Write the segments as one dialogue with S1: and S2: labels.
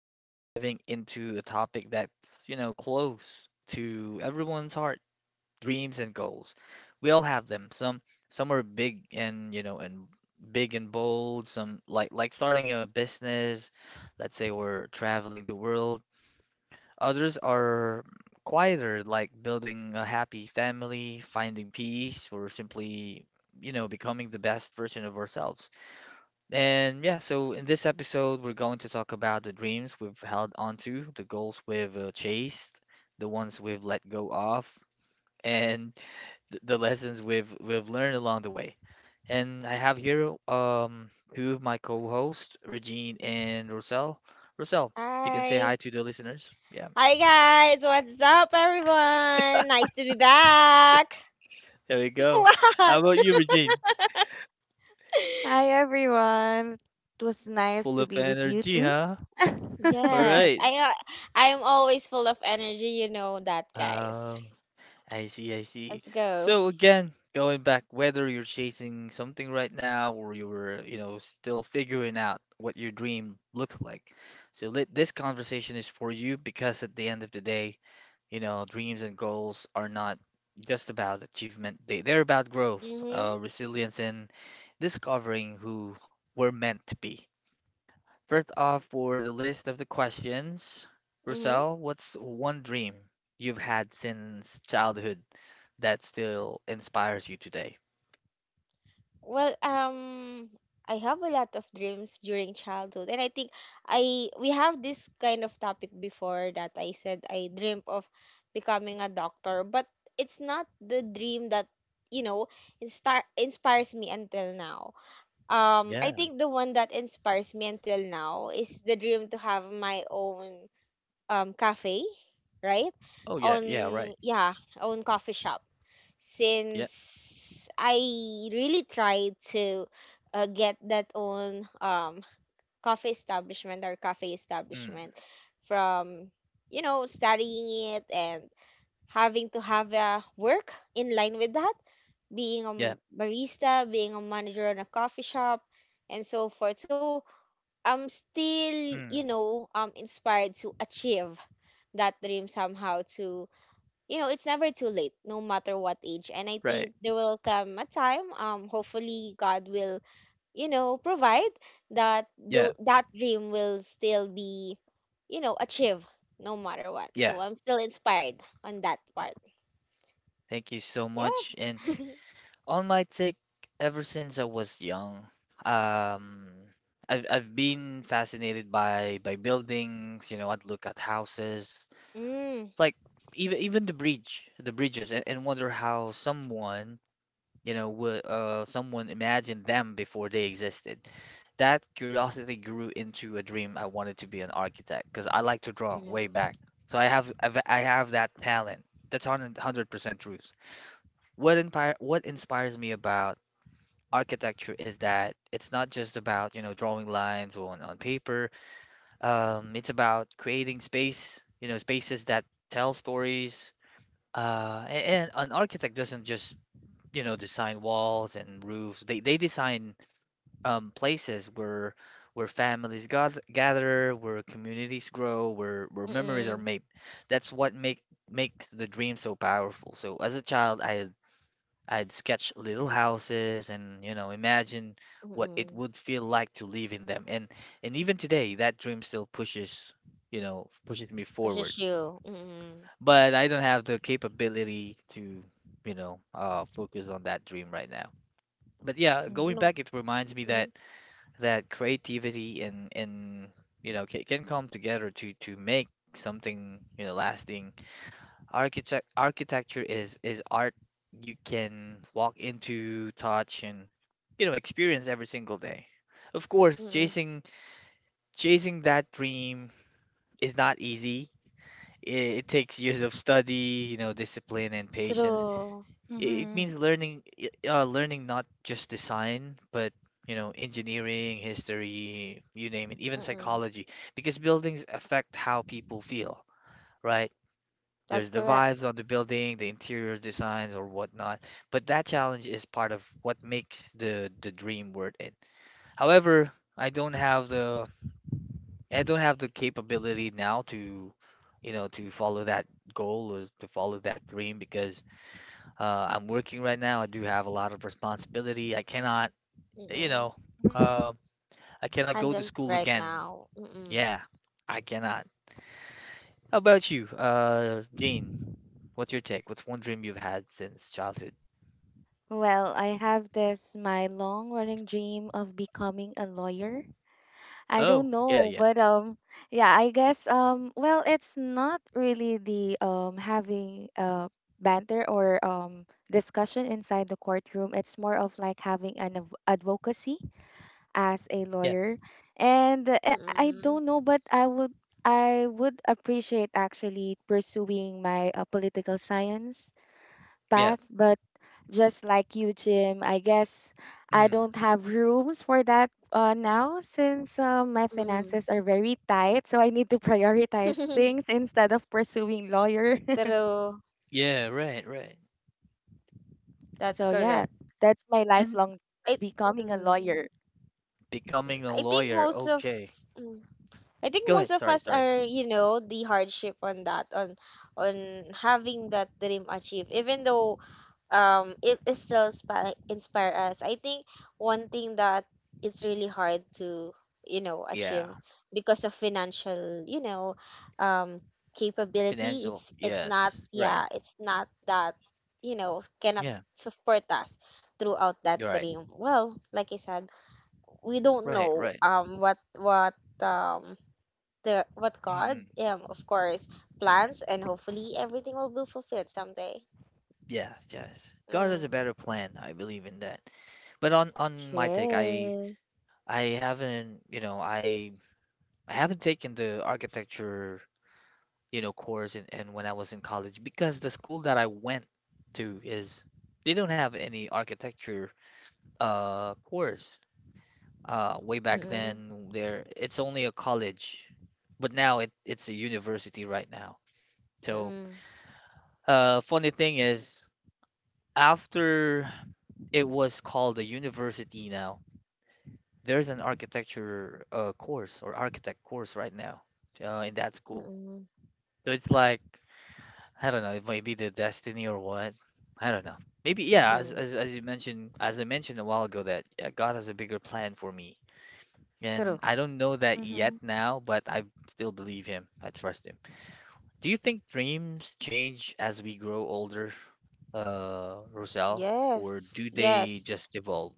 S1: we're diving into a topic that's, close to everyone's heart, dreams and goals. We all have them. Some are big and, big and bold, some like starting a business, let's say we're traveling the world. Others are quieter, like building a happy family, finding peace, or simply, becoming the best version of ourselves. And yeah, so in this episode, we're going to talk about the dreams we've held on to, the goals we've chased, the ones we've let go of, and th the lessons we've learned along the way. And I have here two of my co-hosts, Regine and Rosel. Rosel, you can say hi
S2: Hi.
S1: to the listeners. Yeah,
S2: Hi guys, what's up everyone? Nice to be back.
S1: there we go. How
S2: What?
S1: about you, Regine?
S3: Hi everyone. It was nice
S1: Full
S3: to
S1: of
S3: be with you
S1: energy,
S3: too.
S1: huh? All
S2: Yes,
S1: right.
S2: I'm always full of energy, you know that, guys.
S1: Uh, I see, I see.
S2: Let's go.
S1: So again, going back, whether you're chasing something right now or you're, still figuring out what your dream looks like. So let this conversation is for you because at the end of the day, dreams and goals are not just about achievement. They're about growth, resilience, and discovering who we're meant to be. First off, for the list of the questions,
S2: Mhm.
S1: Roselle, what's one dream you've had since childhood that still inspires you today?
S2: Well, um, I have a lot of dreams during childhood, and I think I we have this kind of topic before that I said I dreamt of becoming a doctor, but it's not the dream that, you know, inspires me until now. I
S1: Yeah.
S2: think the one that inspires me until now is the dream to have my own, um, cafe, right?
S1: Oh, yeah.
S2: On
S1: Yeah. Right.
S2: Yeah, own coffee shop
S1: Yeah.
S2: since I really tried to get that own, coffee establishment or cafe
S1: Mm.
S2: establishment from, you know, studying it and having to have a work in line with that, being a
S1: Yeah.
S2: barista, being a manager in a coffee shop, and so forth. So I'm still, you
S1: Mm.
S2: know, inspired to achieve that dream somehow. To, you know, it's never too late no matter what age, and I think
S1: Right.
S2: there will come a time, um, hopefully God will, you know, provide that
S1: Yeah.
S2: that dream will still be, you know, achieved no matter what.
S1: Yeah.
S2: So I'm still inspired on that part.
S1: Thank you so
S2: Yeah.
S1: much. And on my take, ever since I was young, um, I've been fascinated by buildings. I'd look at houses,
S2: mm,
S1: like even the bridges, and, wonder how someone, you know, would someone imagined them before they existed. That curiosity grew into a dream. I wanted to be an architect because I like to draw way
S2: mm,
S1: back. So I have that talent. That's 100% truth. What inspires me about architecture is that it's not just about, drawing lines on paper. It's about creating spaces that tell stories and an architect doesn't just, design walls and roofs. They design places where families gather, where communities grow, where memories are
S2: mm,
S1: made. That's what make the dream so powerful. So as a child, I'd sketch little houses and, imagine what it
S2: mm,
S1: would feel like to live in them. And even today, that dream still pushes me
S2: Versus
S1: forward,
S2: you.
S1: but I don't have the capability to, focus on that dream right now. But yeah,
S2: You
S1: going
S2: know.
S1: back, it reminds me
S2: mm,
S1: that creativity and can come together to make something lasting. Architecture is art you can walk into, touch, and experience every single day. Of course,
S2: mm,
S1: chasing that dream is not easy. It takes years of study, discipline and patience.
S2: True.
S1: It
S3: hmm
S1: means learning not just design, but engineering, history, you name it, even
S2: mm,
S1: psychology, because buildings affect how people feel, right? There's
S2: that's
S1: the
S2: correct.
S1: vibes on the building, the interiors designs or whatnot, but that challenge is part of what makes the dream worth it. However, I don't have the capability now to, to follow that goal or to follow that dream, because I'm working right now. I do have a lot of responsibility. I cannot, you know,
S2: Mm,
S1: uh, I cannot go to
S2: handle it
S1: school
S2: right
S1: again.
S2: now.
S1: Yeah, I cannot. How about you, Dean? What's your take? What's one dream you've had since childhood?
S3: Well, I have this my long running dream of becoming a lawyer. I don't
S1: Oh, yeah,
S3: know,
S1: yeah,
S3: but yeah, I guess well, it's not really the having a banter or discussion inside the courtroom. It's more of like having an advocacy as a
S1: yeah,
S3: lawyer. And I
S2: Mm,
S3: don't know, but I would appreciate actually pursuing my political science
S1: yeah.
S3: path. But just like you, Jim, I guess I
S1: Mm,
S3: don't have rooms for that now since my
S2: mm.
S3: finances are very tight. So I need to prioritize things instead of pursuing lawyer.
S2: True.
S1: yeah, right, right.
S2: That's
S3: So yeah,
S2: correct.
S3: that's my
S1: And
S3: lifelong
S2: I.
S3: becoming a
S2: mm,
S3: lawyer.
S1: becoming a
S2: I think
S1: lawyer.
S2: most of
S1: Okay.
S2: mm, I think
S1: Go
S2: most
S1: ahead.
S2: of
S1: Sorry,
S2: us
S1: sorry.
S2: are, you know, the hardship on that on having that dream achieved. Even though, um, it is still inspire us. I think one thing that it's really hard to, you know,
S1: Yeah.
S2: achieve because of financial, you know, um, capability.
S1: Financial.
S2: It's not.
S1: Yes. Right.
S2: Yeah, it's not that, you know, cannot
S1: Yeah.
S2: support us throughout that
S1: You're right.
S2: dream. Well, like I said, we don't
S1: Right,
S2: know,
S1: right.
S2: um, what, um, the what God,
S1: Mm-mm.
S2: um, of course plans, and hopefully everything will be fulfilled someday.
S1: Yes, yes. God has a
S2: Mm.
S1: better plan. I believe in that. But on my take,
S2: Yes.
S1: I haven't, you know, I I haven't taken the architecture, course and when I was in college because the school that I went to is they don't have any architecture course. Way back
S2: Mm,
S1: then there it's only a college, but now it's a university right now. So,
S2: mm,
S1: funny thing is after it was called a university now. There's an architecture course or architect course right now in that school.
S2: mm,
S1: So it's like I don't know, it might be the destiny or what. I don't know. Maybe yeah,
S2: mhm.
S1: as you mentioned, as I mentioned a while ago, that yeah, God has a bigger plan for me,
S2: True.
S1: and I don't know that yet
S3: Mm-hmm.
S1: now, but I still believe him. I trust him. Do you think dreams change as we grow older, Roselle, or
S2: Yes,
S1: do
S2: yes.
S1: they just evolve?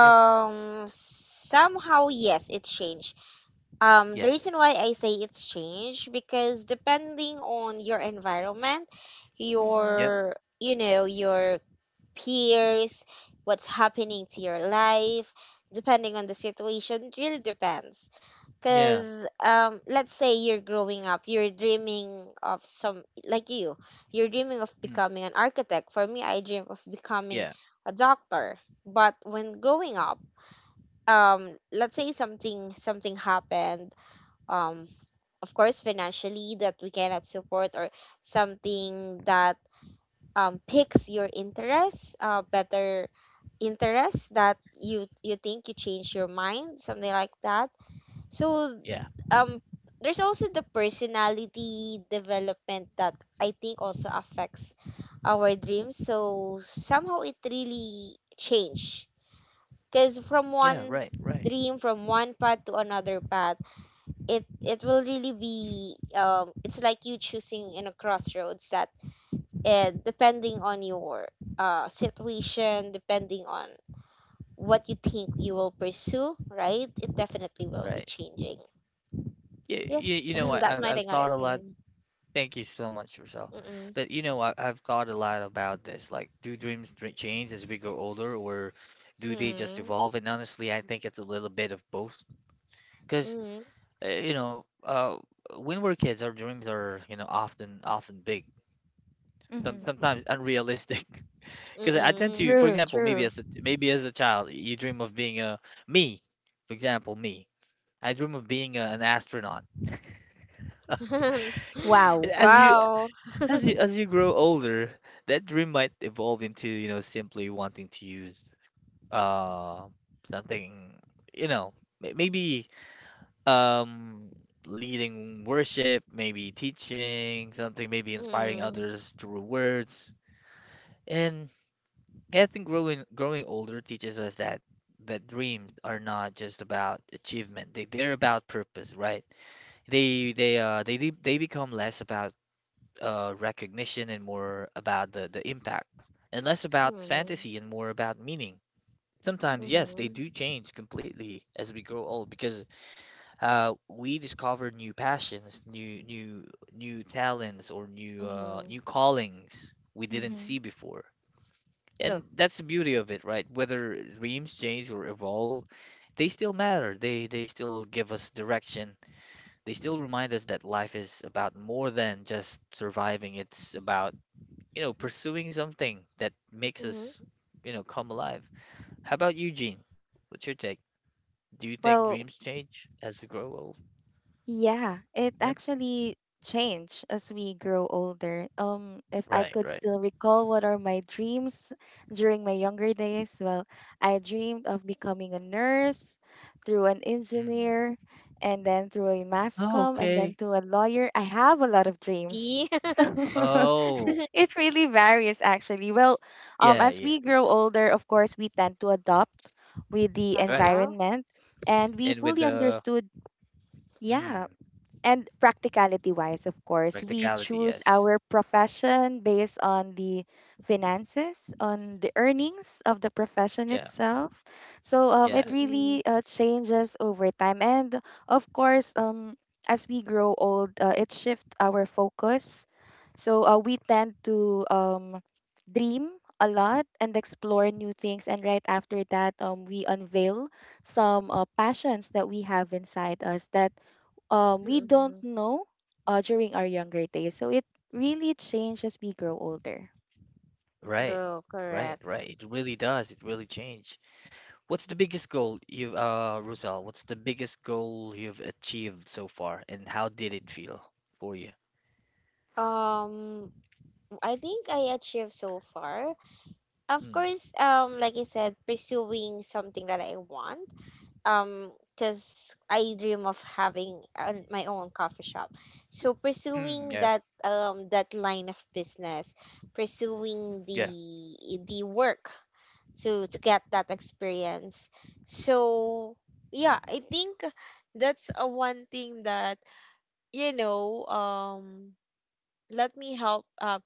S1: Yep.
S2: Somehow, yes, it changed. The reason
S1: Yes.
S2: why I say it's changed because depending on your environment,
S3: Mm-hmm.
S1: Yep.
S2: your, you know, your peers, what's happening to your life, depending on the situation, it really depends.
S1: Yeah.
S2: Because, let's say you're growing up, you're dreaming of some, like you, you're dreaming of
S1: Mm.
S2: becoming an architect. For me, I dream of becoming
S1: Yeah.
S2: a doctor. But when growing up, let's say something happened, um, of course financially that we cannot support, or something that, picks your interest, better interest that you think, you change your mind, something like that. So,
S1: Yeah.
S2: um, there's also the personality development that I think also affects our dreams. So somehow it really change. Cause from
S1: Yeah,
S2: one
S1: right, right,
S2: dream, from one path to another path, it will really be, um, it's like you choosing in a crossroads that, depending on your, uh, situation, depending on what you think you will pursue, right? It definitely will be
S1: right.
S2: changing. Yes,
S1: You know what?
S2: that's
S1: I've
S2: my
S1: I've
S2: take on
S1: thought
S2: it.
S1: a lot.
S2: Mm.
S1: Thank you so much, Rochelle.
S2: Mm-mm.
S1: But I've thought a lot about this. Like, do dreams change as we grow older, or do they just
S2: Mm.
S1: evolve? And honestly, I think it's a little bit of both. Because
S2: Mm.
S1: uh, you know, uh, when we're kids, our dreams are often big, some,
S3: Mm-hmm.
S1: sometimes unrealistic. Because
S2: Mm.
S1: I tend to,
S2: Mm.
S1: for
S3: True,
S1: example, maybe
S3: true.
S1: as a maybe as a child, you dream of being a me. For example, me. I dream of being an astronaut.
S3: Wow.
S1: as you
S2: Wow.
S1: As you as you grow older, that dream might evolve into, simply wanting to use uh something, you know, maybe um leading worship, maybe teaching something, maybe inspiring
S2: Mm.
S1: others through words. And I think growing older teaches us that dreams are not just about achievement. They're about purpose, right? They become less about recognition and more about the impact, and less about
S2: Mm.
S1: fantasy and more about meaning. Sometimes, yes, they do
S2: Mm-hmm.
S1: change completely as we grow old because we discover new passions, new talents, or new
S2: Mm-hmm.
S1: callings we didn't see
S3: hmm
S1: before.
S2: True.
S1: And that's the beauty of it, right? Whether dreams change or evolve, they still matter. They still give us direction. They still remind us that life is about more than just surviving. It's about pursuing something that makes us,
S2: Mm-hmm.
S1: come alive. How about you, Gene? What's your take? Do you think
S3: Well,
S1: dreams change as we grow old?
S3: yeah, it
S1: Yep.
S3: actually changed as we grow older. If I
S1: Right,
S3: could
S1: right.
S3: still recall what are my dreams during my younger days, well, I dreamed of becoming a nurse, through an
S1: Mm.
S3: engineer, and then through a mass
S1: Oh,
S3: comm, and then
S1: okay.
S3: to a lawyer. I have a lot of dreams.
S2: See?
S3: So
S1: Oh,
S3: it really varies actually. Well,
S1: yeah,
S3: as
S1: yeah.
S3: we grow older, of course, we tend to adopt with the
S1: Right.
S2: Uh-huh.
S3: environment and we
S1: And with
S3: fully
S1: the
S3: understood. Yeah.
S1: mm,
S3: And practicality wise, of course, we
S1: practicality,
S3: choose
S1: yes.
S3: our profession based on the finances, on the earnings of the profession
S1: Yeah,
S3: itself. So it
S1: yes.
S2: Mm-mm.
S3: really changes over time. And of course, as we grow old, it shifts our focus. So we tend to dream a lot and explore new things. And right after that, we unveil some passions that we have inside us that we don't
S2: Mm-mm.
S3: know during our younger days. So it really changed as we grow older.
S1: Right,
S2: True,
S1: right,
S2: correct.
S1: right. It really does. It really change. What's the biggest goal you've, Rosal, what's the biggest goal you've achieved so far, and how did it feel for you?
S2: Um, I think I achieved so far. Of
S1: Hmm.
S2: course, like I said, pursuing something that I want. Um, because I dream of having, my own coffee shop. So
S1: Mm,
S2: pursuing
S1: yeah,
S2: that, um, that line of business, pursuing the
S1: yeah,
S2: work to get that experience. So yeah, I think that's a one thing that, you know, um, let me help,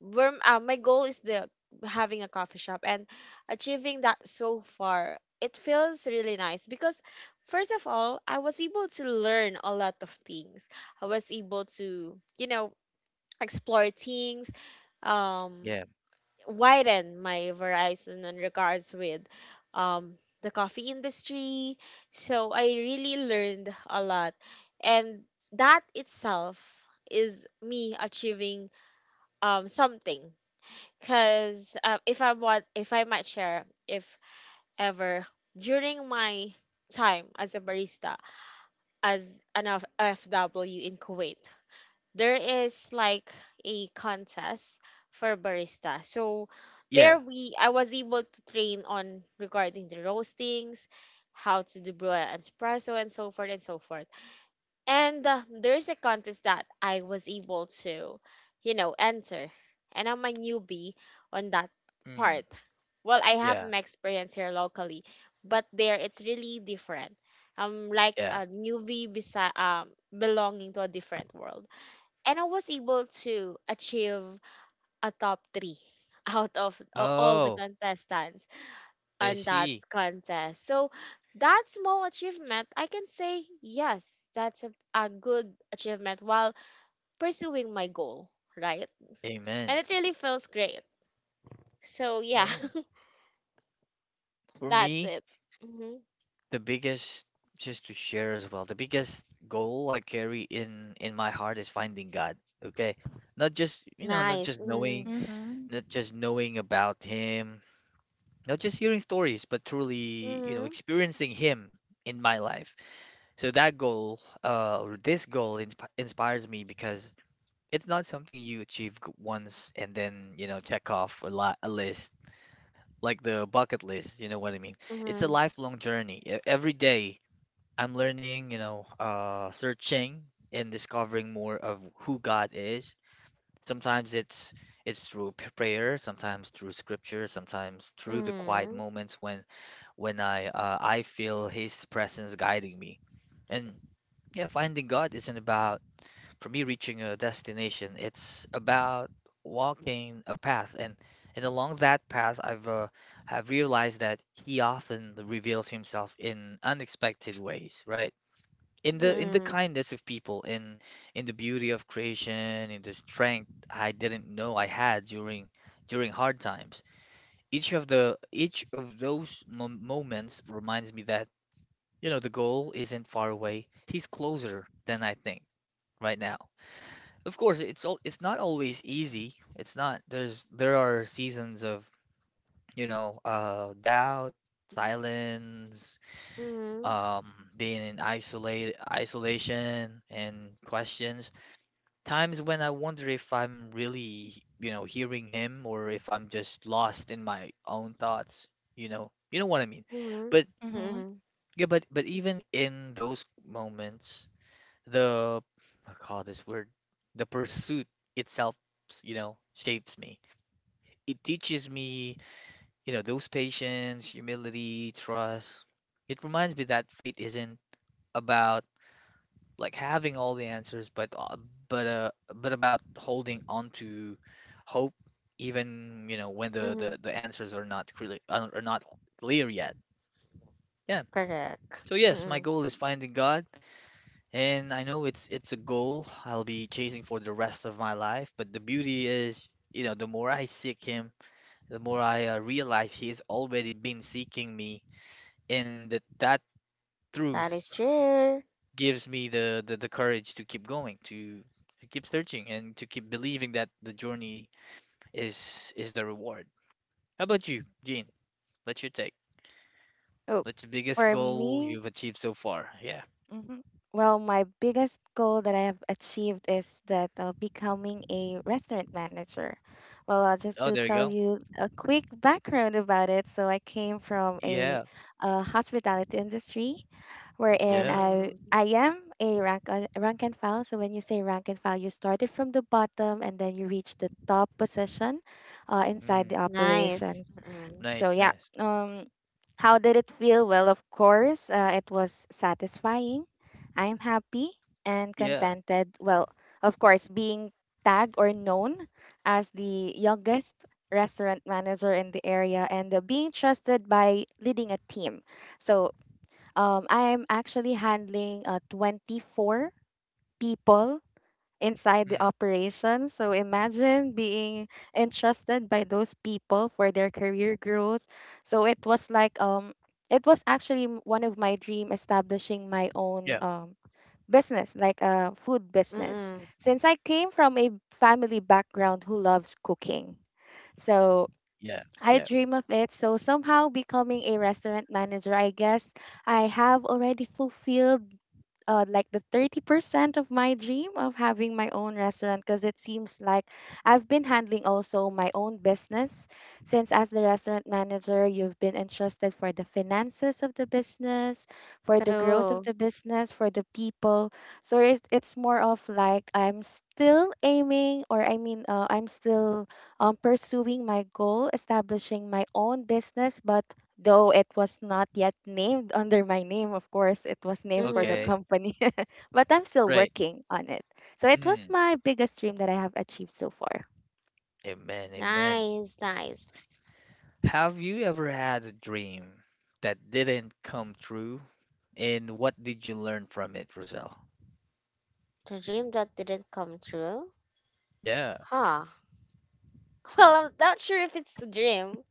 S2: where my goal is the having a coffee shop, and achieving that so far, it feels really nice because first of all, I was able to learn a lot of things, I was able to, you know, explore things, um,
S1: yeah,
S2: widen my horizon in regards with, um, the coffee industry. So I really learned a lot, and that itself is me achieving, um, something. Cause, if I want, if I might share, if ever during my time as a barista, as an FW in Kuwait, there is like a contest for barista. So there
S1: yeah,
S2: we, I was able to train on regarding the roastings, how to do brew an espresso, and so forth and so forth. And, there's a contest that I was able to, you know, enter. And I'm a newbie on that
S1: mm,
S2: part. Well, I have
S1: yeah,
S2: my experience here locally, but there it's really different. I'm like
S1: yeah.
S2: a newbie belonging to a different world. And I was able to achieve a top three out of all the
S1: Oh,
S2: contestants
S1: I
S2: on that
S1: see.
S2: contest. So that small achievement, I can say, yes, that's a good achievement while pursuing my goal, right? And
S1: Amen.
S2: it really feels great. So yeah,
S1: Mm. For
S2: that's
S1: me,
S2: it. Hmm.
S1: the biggest, just to share as well, the biggest goal I carry in my heart is finding God. Okay, not just not
S2: Nice.
S1: just knowing,
S2: Mm-hmm.
S3: Mm-hmm.
S1: not just knowing about Him, not just hearing stories, but truly, experiencing Him in my life. So that goal, or this goal, inspires me. Because it's not something you achieve once and then, check off a list, like the bucket list, you know what I mean? It's a
S2: Mm-hmm.
S1: lifelong journey. Every day I'm learning, searching and discovering more of who God is. Sometimes it's through prayer, sometimes through scripture, sometimes through the quiet
S2: Mm-hmm.
S1: moments when I feel His presence guiding me. And yeah, finding God isn't about, for me, reaching a destination. It's about walking a path, and along that path I've have realized that He often reveals Himself in unexpected ways, right? In the
S2: Mm-hmm.
S1: kindness of people, in the beauty of creation, in the strength I didn't know I had during hard times. Each of those moments reminds me that the goal isn't far away. He's closer than I think right now. Of course, it's not always easy. It's not there's there are seasons of, doubt, silence,
S2: Mm-hmm.
S1: um being in isolate isolation and questions. Times when I wonder if I'm really, hearing him, or if I'm just lost in my own thoughts. You know what I mean.
S2: Mm-hmm.
S1: But
S3: Mm-hmm. Mhm.
S2: Mm-hmm.
S1: yeah, but even in those moments, the I call this word the pursuit itself, shapes me. It teaches me, those patience, humility, trust. It reminds me that faith isn't about, like, having all the answers, but about holding on to hope, even when the
S2: Mm-hmm.
S1: the, the answers are not clear yet. Yeah.
S2: Correct.
S1: So yes,
S2: Mm-hmm.
S1: my goal is finding God. And I know it's a goal I'll be chasing for the rest of my life, but the beauty is, you know, the more I seek him, the more I realize he's already been seeking me, and that
S2: That
S1: truth
S2: is true.
S1: gives me the courage to keep going, to keep searching, and to keep believing that the journey is the reward. How about you, Gene? What's your take?
S3: Oh,
S1: What's the biggest
S3: for
S1: goal
S3: me,
S1: you've achieved so far? Yeah.
S3: mhm. Well, my biggest goal that I have achieved is that becoming a restaurant manager. Well, just
S1: Oh,
S3: to
S1: there you
S3: tell
S1: go.
S3: you a quick background about it. So I came from a,
S1: Yeah.
S3: hospitality industry, wherein
S1: Yeah.
S3: I
S2: Mm-hmm.
S3: I am a rank and file. So when you say rank and file, you started from the bottom and then you reach the top position inside the
S1: Hmm.
S2: Nice.
S3: operations.
S2: Mm-hmm.
S3: So
S1: Nice,
S3: yeah,
S1: nice.
S3: um, how did it feel? Well, of course, it was satisfying. I'm happy and
S1: Yeah.
S3: contented. Well, of course, being tagged or known as the youngest restaurant manager in the area and being trusted by leading a team. So I'm actually handling 24 people inside the
S1: Hmm.
S3: operation. So imagine being entrusted by those people for their career growth. So it was like it was actually one of my dream establishing my own
S1: Yeah.
S3: business like a food business
S2: Mm-hmm.
S3: since I came from a family background who loves cooking. So
S1: Yeah,
S3: I
S1: yeah.
S3: dream of it. So somehow becoming a restaurant manager, I guess I have already fulfilled like the 30% of my dream of having my own restaurant because it seems like I've been handling also my own business since as the restaurant manager you've been entrusted for the finances of the business for the growth of
S2: True.
S3: the business for the people so it's more of like I'm still aiming or I mean I'm still pursuing my goal establishing my own business but though it was not yet named under my name of course it was named for the
S2: Mm-hmm.
S1: Okay,
S3: company but I'm still
S1: right.
S3: working on it so it was
S1: Mm,
S3: my biggest dream that I have achieved so far.
S1: Amen, amen.
S2: Nice, nice.
S1: Have you ever had a dream that didn't come true? And what did you learn from it, Roselle?
S2: The dream that didn't come true?
S1: Yeah,
S2: Huh. Well, I'm not sure if it's a dream.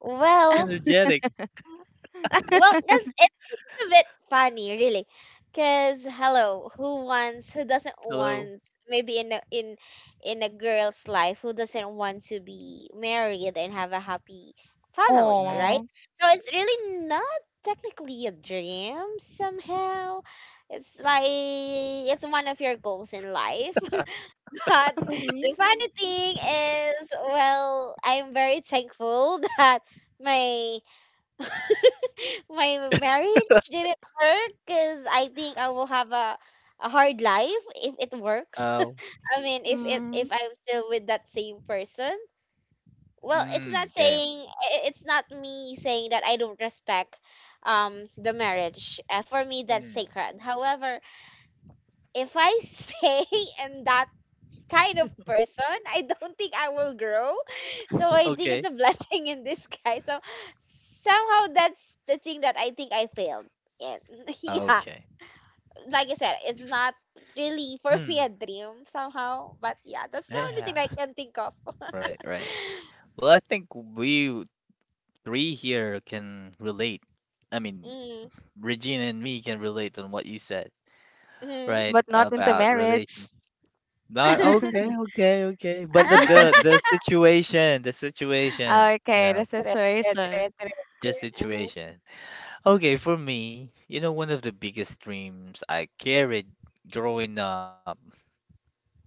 S2: Well,
S1: energetic.
S2: well, that's, it's a bit funny, really. Cause hello, who wants, who doesn't
S1: Hello.
S2: want, maybe in a, in in a girl's life, who doesn't want to be married and have a happy family, right?
S1: Mm,
S3: Oh.
S2: So it's really not technically a dream somehow. It's like it's one of your goals in life. But the funny thing is, well, I'm very thankful that my my marriage didn't work, because I think I will have a hard life if it works.
S1: oh,
S2: I mean, if it
S3: Mm.
S2: if I'm still with that same person. Well, it's not
S1: okay.
S2: saying it's not me saying that I don't respect, um, the marriage. For me, that's
S1: Mm,
S2: sacred. However, if I stay in that kind of person. I don't think I will grow. So I think it's
S1: okay.
S2: a blessing in disguise. So somehow that's the thing that I think I failed. And yeah,
S1: Okay.
S2: like I said, it's not really for me
S1: Mm,
S2: a dream somehow. But yeah, that's the only
S1: yeah,
S2: thing I can think of.
S1: right, right. Well, I think we three here can relate. I mean,
S2: Mm.
S1: Regina and me can relate on what you said,
S2: Mm.
S1: right?
S3: But not into
S1: About
S3: marriage.
S1: relationships. Not okay, okay, okay. But the situation, the situation, you
S3: Okay,
S1: know,
S3: the
S2: Tre, tre, tre,
S3: situation.
S2: tre, tre.
S1: the
S2: Mhm,
S1: situation. Okay, for me, you know, one of the biggest dreams I carried growing up,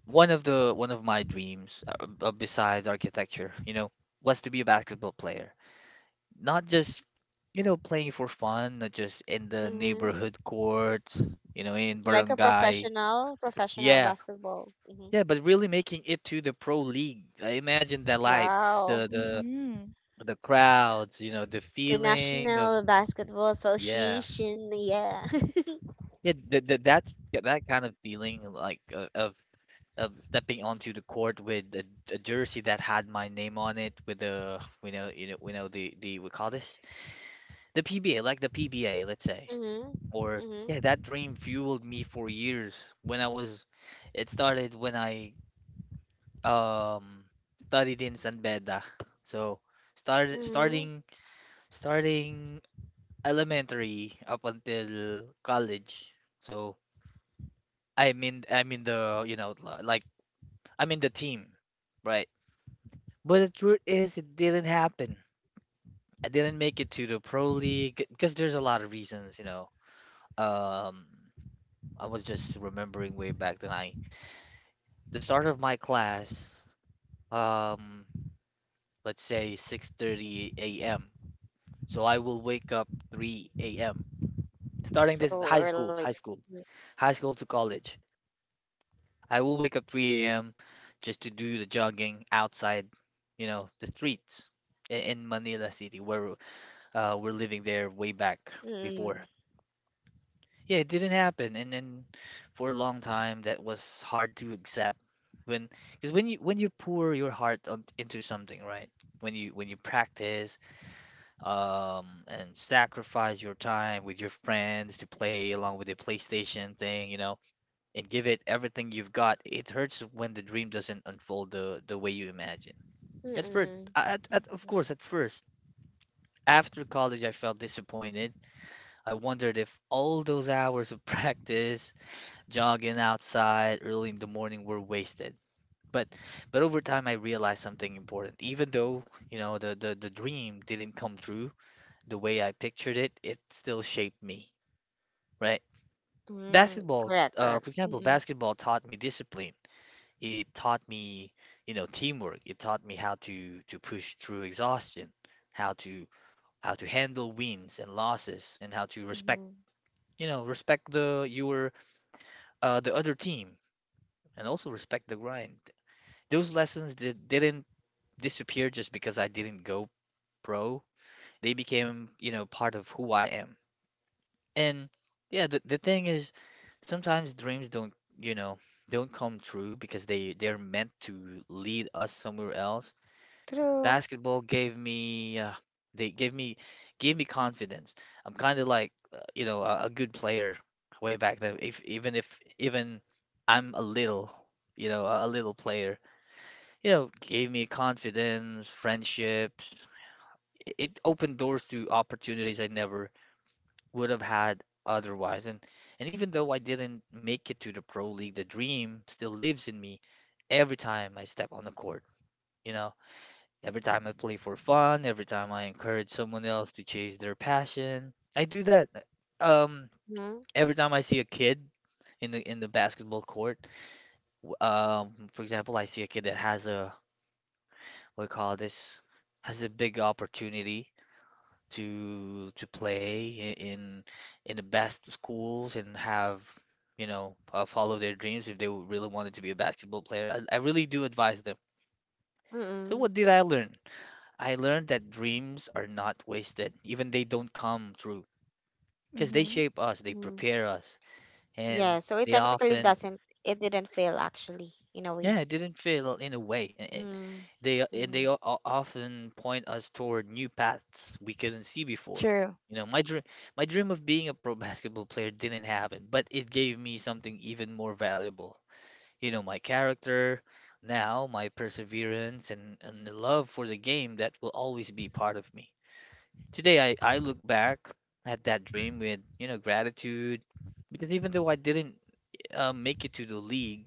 S1: one of my dreams besides architecture, you know, was to be a basketball player. Not just, you know, playing for fun, not just in the
S2: mhm.
S1: neighborhood courts, you know, in
S2: Like a
S1: barangay.
S2: professional, professional
S1: Yeah,
S2: basketball. Hmm.
S1: yeah, but really making it to the pro league. I imagine the lights,
S2: Wow.
S1: the
S3: Mm-hmm.
S1: the crowds, you know, the
S2: The
S1: feeling of
S2: National Basketball
S1: yeah,
S2: Association. Yeah.
S1: yeah, th th that that kind of feeling like of stepping onto the court with a jersey that had my name on it, with the we know you know we know the we call this the PBA, like the PBA, let's say,
S2: Mhm.
S1: or
S2: Mhm.
S1: yeah, that dream fueled me for years when I was. It started when I um studied in San Beda. So start
S2: Mhm.
S1: starting starting elementary up until college. So I'm in the you know like I'm in the team, right? But the truth is it didn't happen. I didn't make it to the pro league because there's a lot of reasons, you know. Um I was just remembering way back then I the start of my class, um let's say 6:30 a.m. So I will wake up 3 a.m. Starting this
S2: So
S1: high
S2: early.
S1: school, high school, high school to college. I will wake up 3 a.m. just to do the jogging outside, you know, the streets in Manila City where we're living there way back
S2: Mm.
S1: before. Yeah, it didn't happen, and then for a long time that was hard to accept when because when you pour your heart on, into something, right? When you practice and sacrifice your time with your friends to play along with the PlayStation thing, you know, and give it everything you've got. It hurts when the dream doesn't unfold the way you imagine. At first,
S2: Mm.
S1: at first, after college, I felt disappointed. I wondered if all those hours of practice, jogging outside early in the morning were wasted. But but over time, I realized something important. Even though, you know, the dream didn't come true, the way I pictured it, it still shaped me, right?
S2: Mm.
S1: Basketball,
S2: Correct.
S1: for
S2: Correct.
S1: example,
S2: Mm.
S1: basketball taught me discipline. It taught me, you know, teamwork. It taught me how to push through exhaustion, how to how to handle wins and losses, and how to respect,
S2: Mm.
S1: you know, respect the your the other team, and also respect the grind. Those lessons didn't disappear just because I didn't go pro. They became, you know, part of who I am. And yeah, the thing is, sometimes dreams don't, you know, don't come true because they're meant to lead us somewhere else.
S2: True.
S1: Basketball gave me they gave me confidence. I'm kind of like, you know, a good player way back then. If even I'm a little, you know, a little player, you know, gave me confidence, friendships. It opened doors to opportunities I never would have had otherwise. And even though I didn't make it to the pro league, the dream still lives in me every time I step on the court. You know, every time I play for fun, every time I encourage someone else to chase their passion, I do that. Um,
S2: Mm.
S1: every time I see a kid in the basketball court, for example, I see a kid that has a what do you call this has a big opportunity to play in the best schools and have you know follow their dreams if they really wanted to be a basketball player. I really do advise them. So
S2: Mm.
S1: what did I learn? I learned that dreams are not wasted, even they don't come true, because they
S3: Mm-hmm.
S1: shape us, they
S2: Mm.
S1: prepare us, and
S2: Yeah. So it
S1: they
S2: technically
S1: often
S2: doesn't. It didn't fail actually, in a
S1: yeah,
S2: way.
S1: it didn't fail in a way. It,
S2: Mm.
S1: they o- and
S2: Mm.
S1: they o- o- often point us toward new paths we couldn't see before.
S3: True.
S1: You know, my dream of being a pro basketball player didn't happen, but it gave me something even more valuable. You know, my character, now my perseverance and the love for the game that will always be part of me. Today I look back at that dream with, you know, gratitude because even though I didn't make it to the league,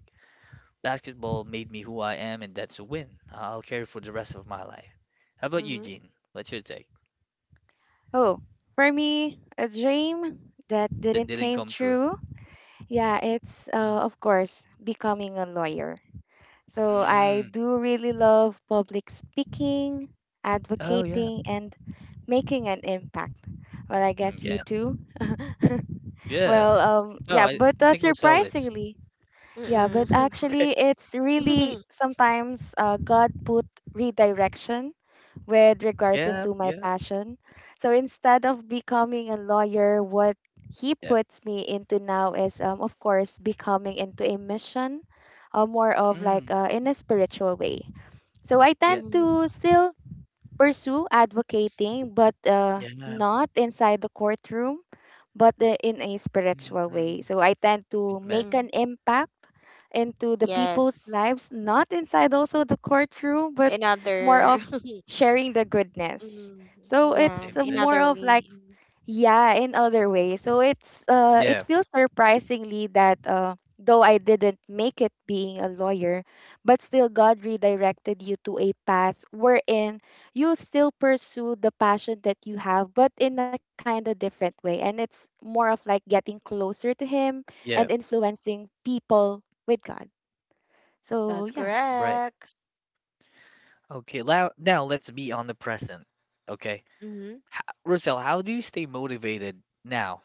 S1: basketball made me who I am, and that's a win. I'll carry for the rest of my life. How about you,
S2: Mhm.
S1: Gene? What's your take?
S3: Oh, for me a dream that
S1: That
S3: didn't
S1: didn't
S3: came
S1: come true.
S3: true. Yeah, it's
S1: Mm.
S3: of course becoming a lawyer. So I
S1: Mm.
S3: do really love public speaking,
S1: Oh yeah.
S3: advocating, and making an impact. Well, I
S1: Mm,
S3: guess you
S1: yeah.
S3: too.
S1: Yeah.
S3: Well,
S1: No,
S3: yeah,
S1: I
S3: but
S1: think it was Felix.
S3: surprisingly, yeah, but
S2: Mm.
S1: Okay.
S3: actually, it's really sometimes God put redirection with regards
S1: Yeah.
S3: into my
S1: Yeah.
S3: passion. So instead of becoming a lawyer, what he
S1: Yeah.
S3: puts me into now is, of course, becoming into a mission, more of like
S1: Mm.
S3: in a spiritual way. So I
S1: Yeah.
S3: tend
S2: Mhm.
S3: to still pursue advocating, but
S1: Yeah.
S3: not inside the courtroom but in a
S1: Mm,
S3: spiritual way.
S1: mm.
S3: So I tend to
S1: Amen.
S3: make
S2: Mhm.
S3: an impact into the
S2: Yes.
S3: people's lives, not inside also the courtroom, but more
S2: Another.
S3: of sharing the goodness.
S2: Mm.
S3: So
S2: Yeah.
S3: it's
S1: Amen.
S3: more
S2: Another
S3: of like
S2: way.
S3: yeah, in other ways. So it's it
S1: Yeah.
S3: feels surprisingly that though I didn't make it being a lawyer, but still God redirected you to a path wherein you still pursue the passion that you have, but in a kind of different way. And it's more of like getting closer to him and
S1: Yeah.
S3: influencing people with God. So
S2: That's
S3: yeah.
S1: Right.
S2: correct.
S1: Okay. Now let's be on the present. Okay.
S2: Mm-hmm.
S1: H Russell, how do you stay motivated now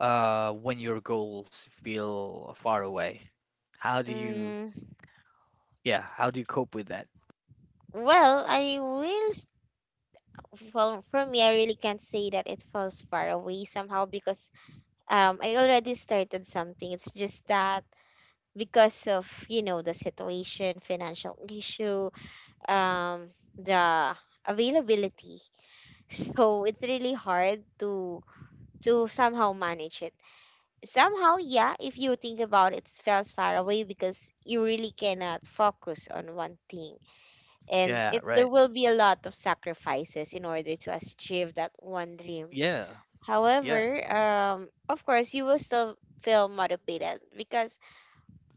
S1: when your goals feel far away? How do you
S2: Mm,
S1: yeah, how do you cope with that?
S2: well, I will. Well, for me, I really can't say that it falls far away somehow, because, I already started something. It's just that because of, you know, the situation, financial issue, the availability. So it's really hard to somehow manage it. Somehow, yeah, if you think about it, it falls far away because you really cannot focus on one thing, and
S1: Yeah,
S2: it there
S1: right.
S2: will be a lot of sacrifices in order to achieve that one dream.
S1: Yeah.
S2: However,
S1: Yeah.
S2: um, of course you will still feel motivated, because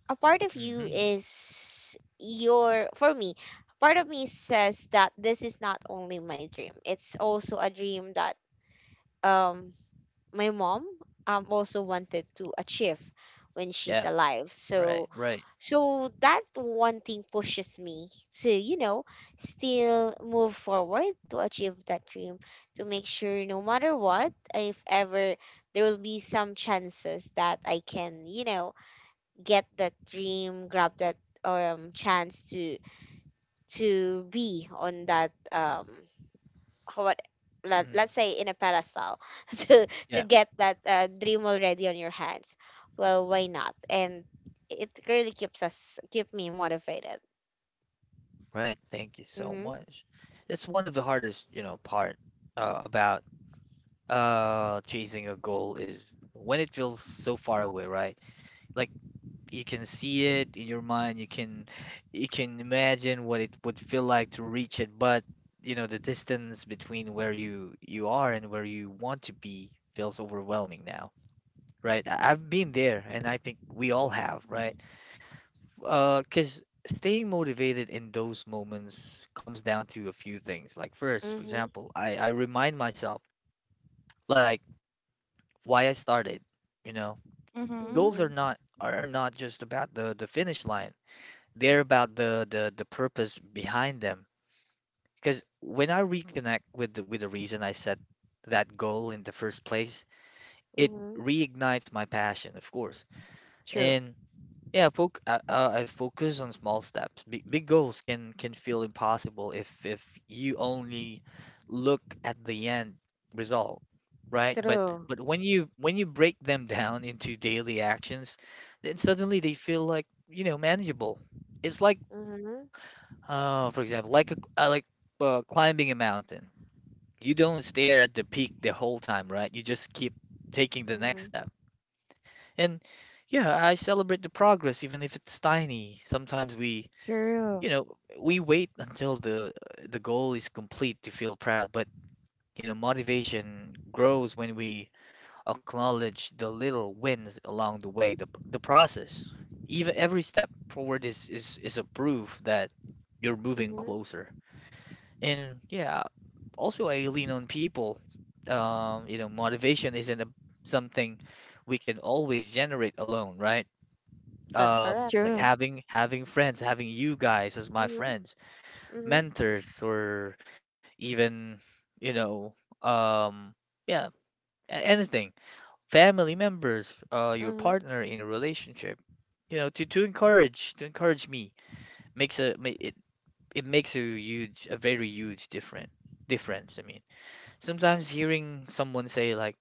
S2: a part of you
S1: Hmm.
S2: is your, for me, part of me says that this is not only my dream, it's also a dream that, um, my mom, um, also wanted to achieve when she's
S1: Yeah.
S2: alive.
S1: Right,
S2: So
S1: right.
S2: so that one thing pushes me to, you know, still move forward to achieve that dream, to make sure no matter what, if ever there will be some chances that I can, you know, get that dream, grab that, um, chance to be on that, um, what, let,
S1: Mm,
S2: let's say in a pedestal to
S1: yeah,
S2: get that, dream already on your hands. Well, why not? And it really keeps us keep me motivated.
S1: right. Thank you so
S2: Mm-hmm.
S1: much. It's one of the hardest, you know, part about chasing a goal is when it feels so far away, right? Like you can see it in your mind you can imagine what it would feel like to reach it but you know the distance between where you are and where you want to be feels overwhelming now right I've been there and I think we all have
S3: Mm-hmm.
S1: right because staying motivated in those moments comes down to a few things like first for
S2: Mm-hmm.
S1: example I remind myself like why I started you know
S3: Mm-hmm.
S1: goals
S2: Mm-hmm.
S1: are not just about the finish line they're about the purpose behind them. Because when I reconnect with with the reason I set that goal in the first place, it
S2: Mm-hmm.
S1: reignites my passion, of course.
S3: True.
S1: And yeah, I focus on small steps. Big, big goals can feel impossible if you only look at the end result, right?
S2: True.
S1: But when you break them down into daily actions, then suddenly they feel like, you know, manageable. It's like
S2: Mm-hmm.
S1: oh, for example, like like climbing a mountain. You don't stare at the peak the whole time, right? You just keep taking the next
S2: Mm-hmm.
S1: step. And yeah, I celebrate the progress even if it's tiny. Sometimes we,
S3: True.
S1: you know, we wait until the goal is complete to feel proud, but you know, motivation grows when we acknowledge the little wins along the way, the process. Even every step forward is a proof that you're moving
S2: Mm-hmm.
S1: closer. And yeah, also I lean on people. You know, motivation isn't something we can always generate alone, right?
S2: That's correct.
S1: Like
S3: True.
S1: having friends, having you guys as my
S2: Mm-hmm.
S1: friends,
S2: Mm-hmm.
S1: mentors, or even you know, um, yeah, anything, family members, your
S2: Mm-hmm.
S1: partner in a relationship, you know, to to encourage me makes a ma- it makes a huge a very huge different difference. I mean. Sometimes hearing someone say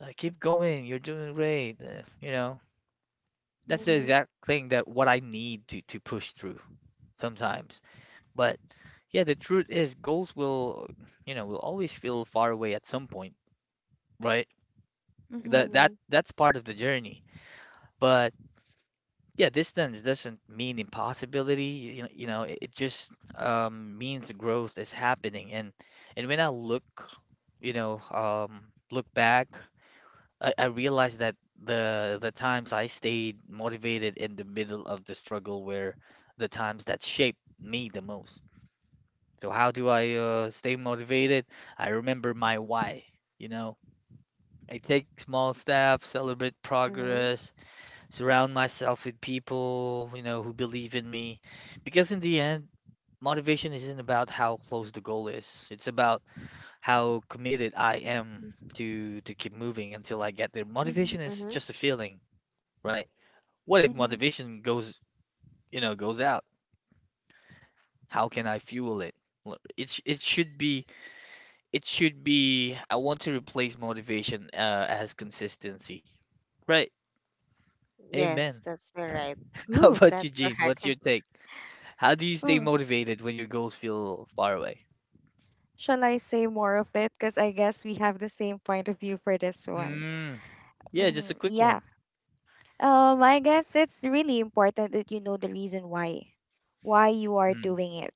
S1: like keep going, you're doing great, you know, that's the
S2: Mm-hmm.
S3: Mm-hmm.
S1: exact thing that what I need to push through sometimes. But yeah, the truth is goals will, you know, will always feel far away at some point, right?
S3: Mm-hmm.
S2: Mm-hmm.
S1: That's part of the journey. But yeah, distance doesn't mean impossibility. You know, it just means the growth is happening. And when I look, you know, look back I realized that the times I stayed motivated in the middle of the struggle were the times that shaped me the most. So how do I stay motivated? I remember my why, you know. I take small steps, celebrate
S2: Mm-hmm.
S1: progress, surround myself with people, who believe in me. Because in the end, motivation isn't about how close the goal is. It's about how committed I am
S3: These steps.
S1: to keep moving until I get there.
S3: Mm-hmm.
S1: Motivation is
S2: Mm-hmm.
S1: just a feeling. Right. What if
S3: Mm-hmm.
S1: motivation goes out? How can I fuel it? L- It sh- it should be it should be I want to replace motivation as consistency. Right.
S2: Yes,
S1: Amen.
S2: that's right.
S1: How
S3: Ooh.
S1: about
S2: That's
S1: you, Gene?
S2: correct.
S1: What's your take? How do you stay
S3: Hmm.
S1: motivated when your goals feel far away?
S3: Shall I say more of it? Because I guess we have the same point of view for this one.
S1: Mm, yeah, just a quick
S3: Yeah.
S1: one.
S3: I guess it's really important that you know the reason why you are
S1: Mm,
S3: doing it,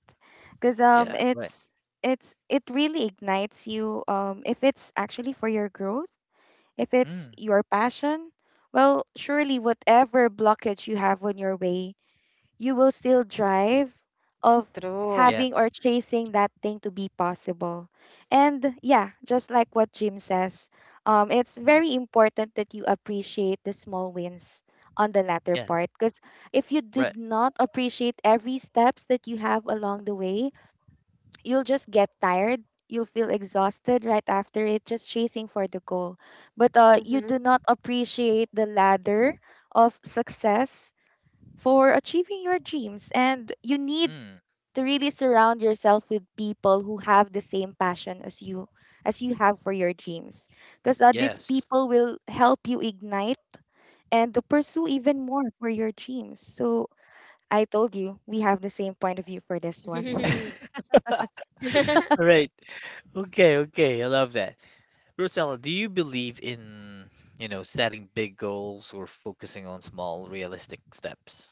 S3: because
S1: yeah, right.
S3: it's it really ignites you. If it's actually for your growth, if it's
S1: Mm,
S3: your passion, well, surely whatever blockage you have on your way you will still drive of
S2: True.
S1: yeah,
S3: having or chasing that thing to be possible. And yeah, just like what Jim says, it's
S1: mm,
S3: very important that you appreciate the small wins on the latter
S1: yeah,
S3: part because if you
S1: right.
S3: did not appreciate every steps that you have along the way, you'll just get tired. You'll feel exhausted right after it, just chasing for the goal. But you do
S2: Mm-hmm.
S3: not appreciate the ladder of success for achieving your dreams. And you need
S1: Mm,
S3: to really surround yourself with people who have the same passion as you have for your dreams because these
S1: yes.
S3: people will help you ignite and to pursue even more for your dreams so I told you we have the same point of view for this one.
S1: All right. Okay, okay. I love that. Rosella, do you believe in, setting big goals or focusing on small, realistic steps?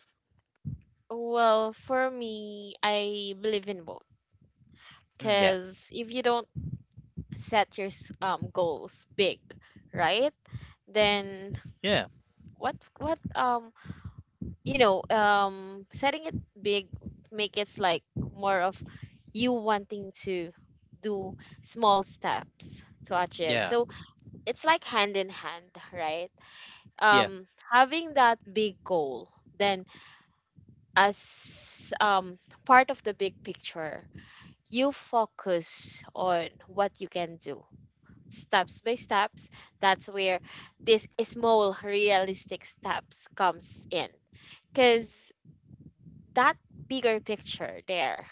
S2: Well, for me, I believe in both.
S1: Mm, yeah,
S2: Because if you don't set your goals big, right? Then
S1: yeah,
S2: what, um, you know, um, setting it big, make it's like more of you wanting to do small steps to achieve.
S1: yeah,
S2: So it's like hand in hand, right?
S1: yeah,
S2: Having that big goal, then as part of the big picture, you focus on what you can do steps by steps. That's where this small realistic steps comes in, because that bigger picture there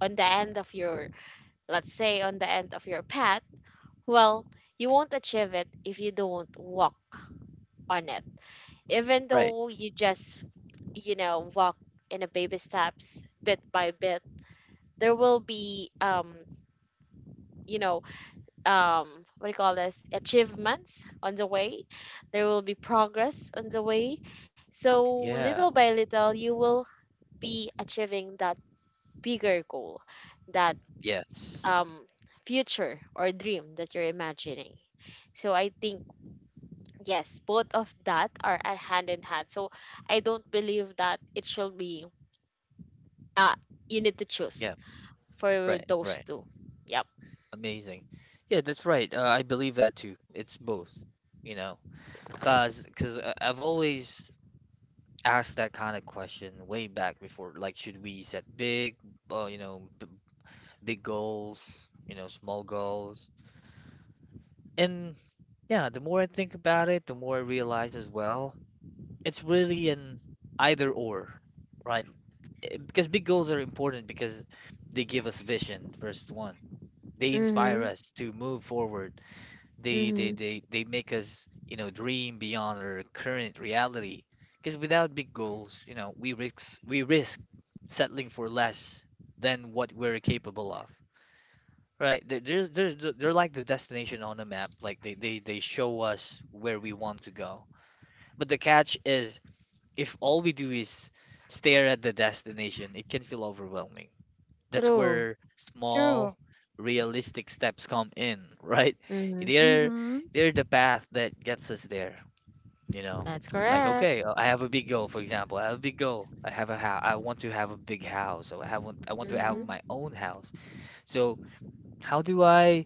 S2: on the end of your, let's say on the end of your path, well, you won't achieve it if you don't walk on it. Even
S1: right.
S2: though you just, walk in a baby steps bit by bit, there will be you know um what do you call this, achievements on the way. There will be progress on the way. So little
S1: Yeah,
S2: by little you will be achieving that bigger goal that
S1: yes,
S2: um future or dream that you're imagining. So I think, yes, both of that are a hand in hand. So I don't believe that it should be, uh you need to
S1: yeah,
S2: choose for
S1: right,
S2: those
S1: right.
S2: two. Yep.
S1: Amazing. Yeah, that's right. I believe that too. It's both, you know, cause I've always asked that kind of question way back before. Like, should we set big, you know, b big goals, small goals? And yeah, the more I think about it, the more I realize as well, it's really an either or, right? Because big goals are important because they give us vision, first one. They inspire
S2: Mm-hmm.
S1: us to move forward. They they
S2: Mm-hmm.
S1: they they make us, dream beyond our current reality. Because without big goals, we risk settling for less than what we're capable of. Right. They're like the destination on the map. Like they show us where we want to go. But the catch is if all we do is stare at the destination, it can feel overwhelming. That's
S2: True.
S1: where
S3: True.
S1: small, realistic steps come in, right?
S2: Mm-hmm.
S1: They're,
S3: Mm-hmm.
S1: they're the path that gets us there, you know?
S2: That's
S1: Like,
S2: correct.
S1: okay, I have a big goal, for example. I have a big goal. I have a house. I want to have a big house. So I have, I want to have
S3: Mm-hmm.
S1: my
S2: Mm-hmm.
S1: own house. So how do I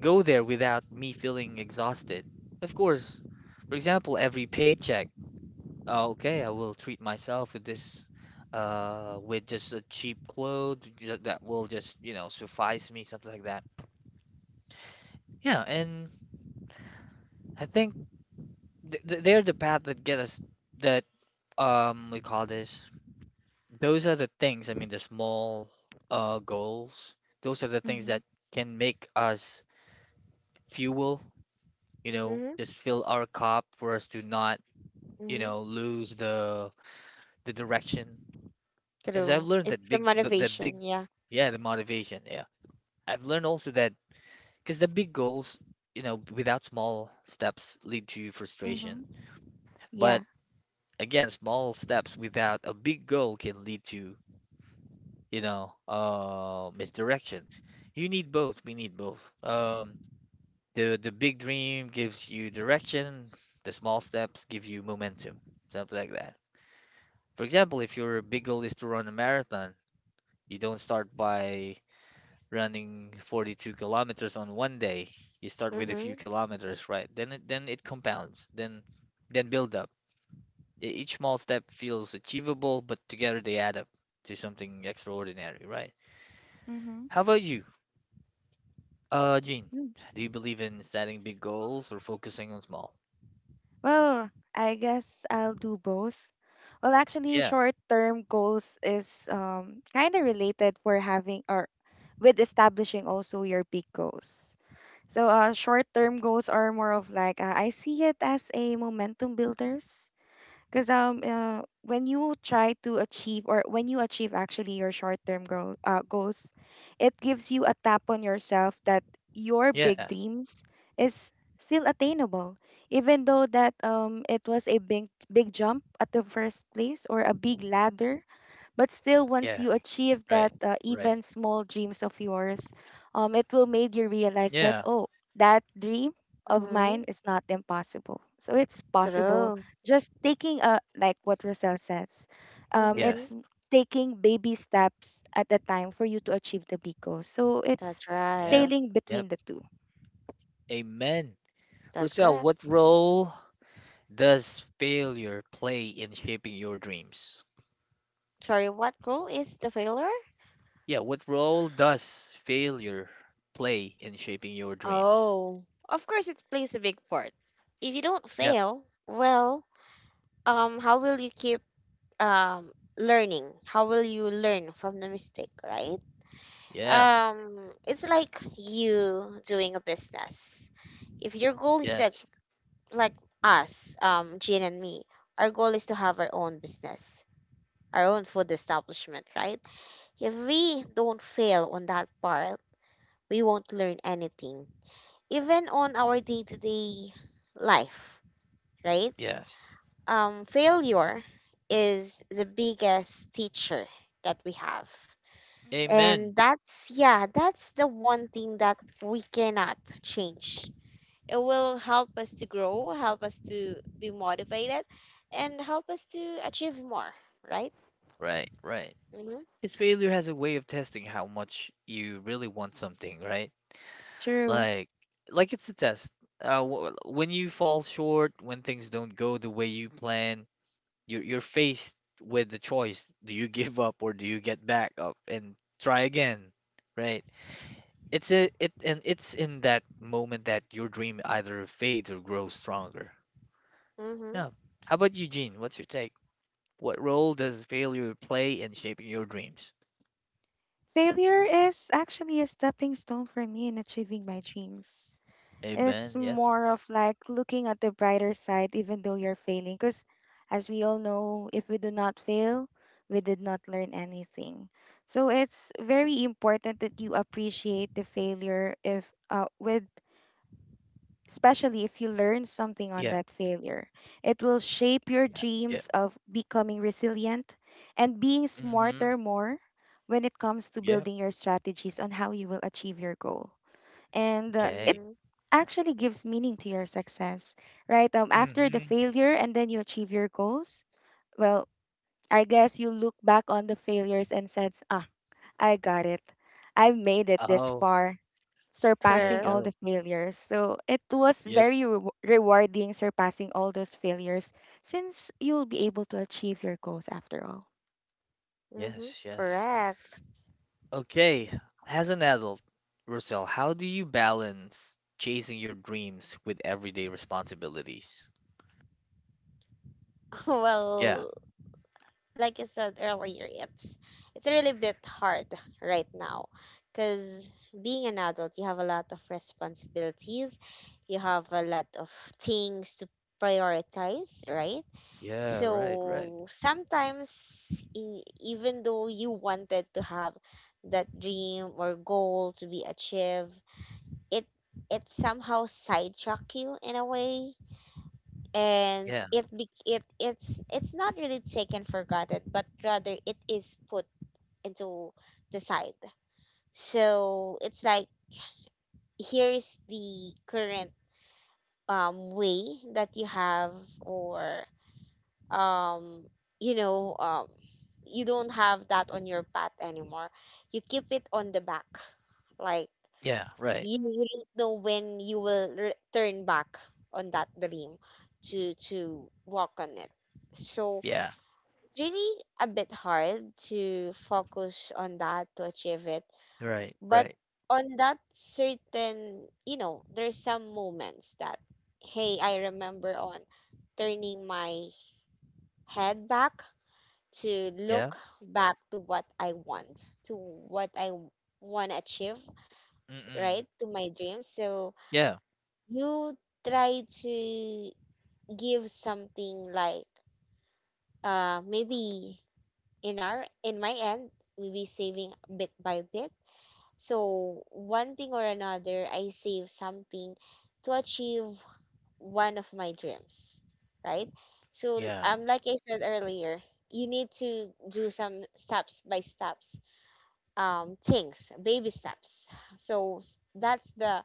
S1: go there without me feeling exhausted. Of course, for example, every paycheck, okay, I will treat myself with this, with just a cheap clothes that will just, suffice me, something like that. Yeah, and I think they're the path that get us that we call this. Those are the things, I mean, the small goals. Those are the things
S3: Mm-hmm.
S1: that can make us fuel,
S2: Mm-hmm.
S1: just fill our cup for us to not
S2: Mm-hmm.
S1: lose the direction. As I've
S2: True.
S1: learned
S2: It's
S1: that
S2: the
S1: big,
S2: motivation. Yeah.
S1: yeah, the motivation. Yeah, I've learned also that because the big goals, without small steps lead to frustration.
S3: Mm-hmm. Yeah.
S1: But again, small steps without a big goal can lead to, misdirection. You need both. We need both. The big dream gives you direction. The small steps give you momentum. Something like that. For example, if your big goal is to run a marathon, you don't start by running 42 kilometers on one day. You start with a
S2: Mm-hmm.
S1: few kilometers, right? Then it compounds. Then build up. Each small step feels achievable, but together they add up to something extraordinary, right?
S3: Mm-hmm.
S1: How about you, Jean? Do you believe in setting big goals or focusing on small?
S3: Well, I guess I'll do both. Well, actually,
S1: Yeah,
S3: short-term goals is kind of related for having or with establishing also your big goals. So, short-term goals are more of like I see it as a momentum builders. Because when you try to achieve or when you achieve actually your short-term goals, it gives you a tap on yourself that your
S1: yeah,
S3: big dreams is still attainable, even though that it was a big big jump at the first place or a big ladder but still,
S1: yeah,
S3: once you achieve
S1: right,
S3: that
S1: right.
S3: even small dreams of yours, it will make you realize
S1: Yeah,
S3: that, oh, that dream of
S2: Mm-hmm.
S3: mine is not impossible. So it's possible
S2: True.
S3: just taking a, like what Roselle says,
S1: yeah,
S2: Mm-hmm.
S3: it's taking baby steps at a time for you to achieve the big goal. So it's
S2: That's
S1: yep,
S2: right.
S3: sailing
S1: yep.
S3: between the two.
S1: Amen.
S2: That's
S1: Rosel,
S2: correct.
S1: what role? Does failure play in shaping your dreams?
S2: Sorry, what role is the failure?
S1: Yeah, what role does failure play in shaping your dreams?
S2: Oh, of course it plays a big part. If you don't
S1: Yep.
S2: fail, well, how will you keep um learning? How will you learn from the mistake, right?
S1: Yep.
S2: It's like you doing a business. If your goal is a
S1: Yes.
S2: like us, Jean and me, our goal is to have our own business, our own food establishment, right? If we don't fail on that part, we won't learn anything. Even on our day to day life, right?
S1: Yes.
S2: Failure is the biggest teacher that we have. And
S1: Amen.
S3: Mm-hmm.
S2: that's, yeah, that's the one thing that we cannot change. It will help us to grow, help us to be motivated, and help us to achieve more, right?
S1: Right, right.
S2: Mm-hmm.
S1: Because failure has a way of testing how much you really want something, right?
S3: True.
S1: Like, like it's a test. When you fall short, when things don't go the way you plan, you're faced with the choice: do you give up or do you get back up and try again, right? It's a, it and it's in that moment that your dream either fades or grows stronger. Yeah.
S2: Mm-hmm.
S1: How about you, Gene? What's your take? What role does failure play in shaping your dreams?
S3: Failure is actually a stepping stone for me in achieving my dreams.
S1: Amen.
S3: It's
S1: Yes.
S3: more of like looking at the brighter side, even though you're failing. Because as we all know, if we do not fail, we did not learn anything. So it's very important that you appreciate the failure if with especially if you learn something on
S1: Yeah.
S3: that failure. It will shape your
S1: Yeah. Yeah.
S3: dreams of becoming resilient and being
S1: Mm-hmm.
S3: smarter more when it comes to
S1: Yeah.
S3: building your strategies on how you will achieve your goal. And it
S1: Okay.
S2: Mm-hmm.
S3: actually gives meaning to your success, right? After the
S1: Mm-hmm.
S3: failure and then you achieve your goals, well, I guess you look back on the failures and says, ah, I got it. I made it this
S1: Oh,
S3: far,
S1: there you
S3: surpassing all
S2: True.
S1: go.
S3: the failures. So it was
S1: Yep.
S3: very rewarding surpassing all those failures since you'll be able to achieve your goals after all.
S2: Mm-hmm.
S1: Yes, yes.
S2: Correct.
S1: Okay. As an adult, Rosel, how do you balance chasing your dreams with everyday responsibilities? Yeah.
S2: Well, like I said earlier, it's really a bit hard right now, because being an adult, you have a lot of responsibilities, you have a lot of things to prioritize, right?
S1: Yeah, right, right.
S2: So sometimes, e- even though you wanted to have that dream or goal to be achieved, it it somehow sidetrack you in a way, and
S1: Yeah.
S2: it be it it's not really taken for granted, but rather it is put into the side. So it's like here's the current way that you have, or um you know um you don't have that on your path anymore, you keep it on the back, like
S1: Yeah, right.
S2: you don't know when you will re- turn back on that dream to walk on it. So
S1: Yeah,
S2: it's really a bit hard to focus on that to achieve it.
S1: right,
S2: But
S1: right.
S2: on that certain, you know, there's some moments that, hey, I remember on turning my head back to
S1: Yeah.
S2: look back to what I want, to what I want to achieve,
S1: Mm-mm.
S2: right? To my dreams. So
S1: Yeah,
S2: you try to give something like maybe in our in my end, maybe saving bit by bit. So one thing or another I save something to achieve one of my dreams, right? So
S1: yeah,
S2: like I said earlier, you need to do some steps by steps, things, baby steps. So s- that's the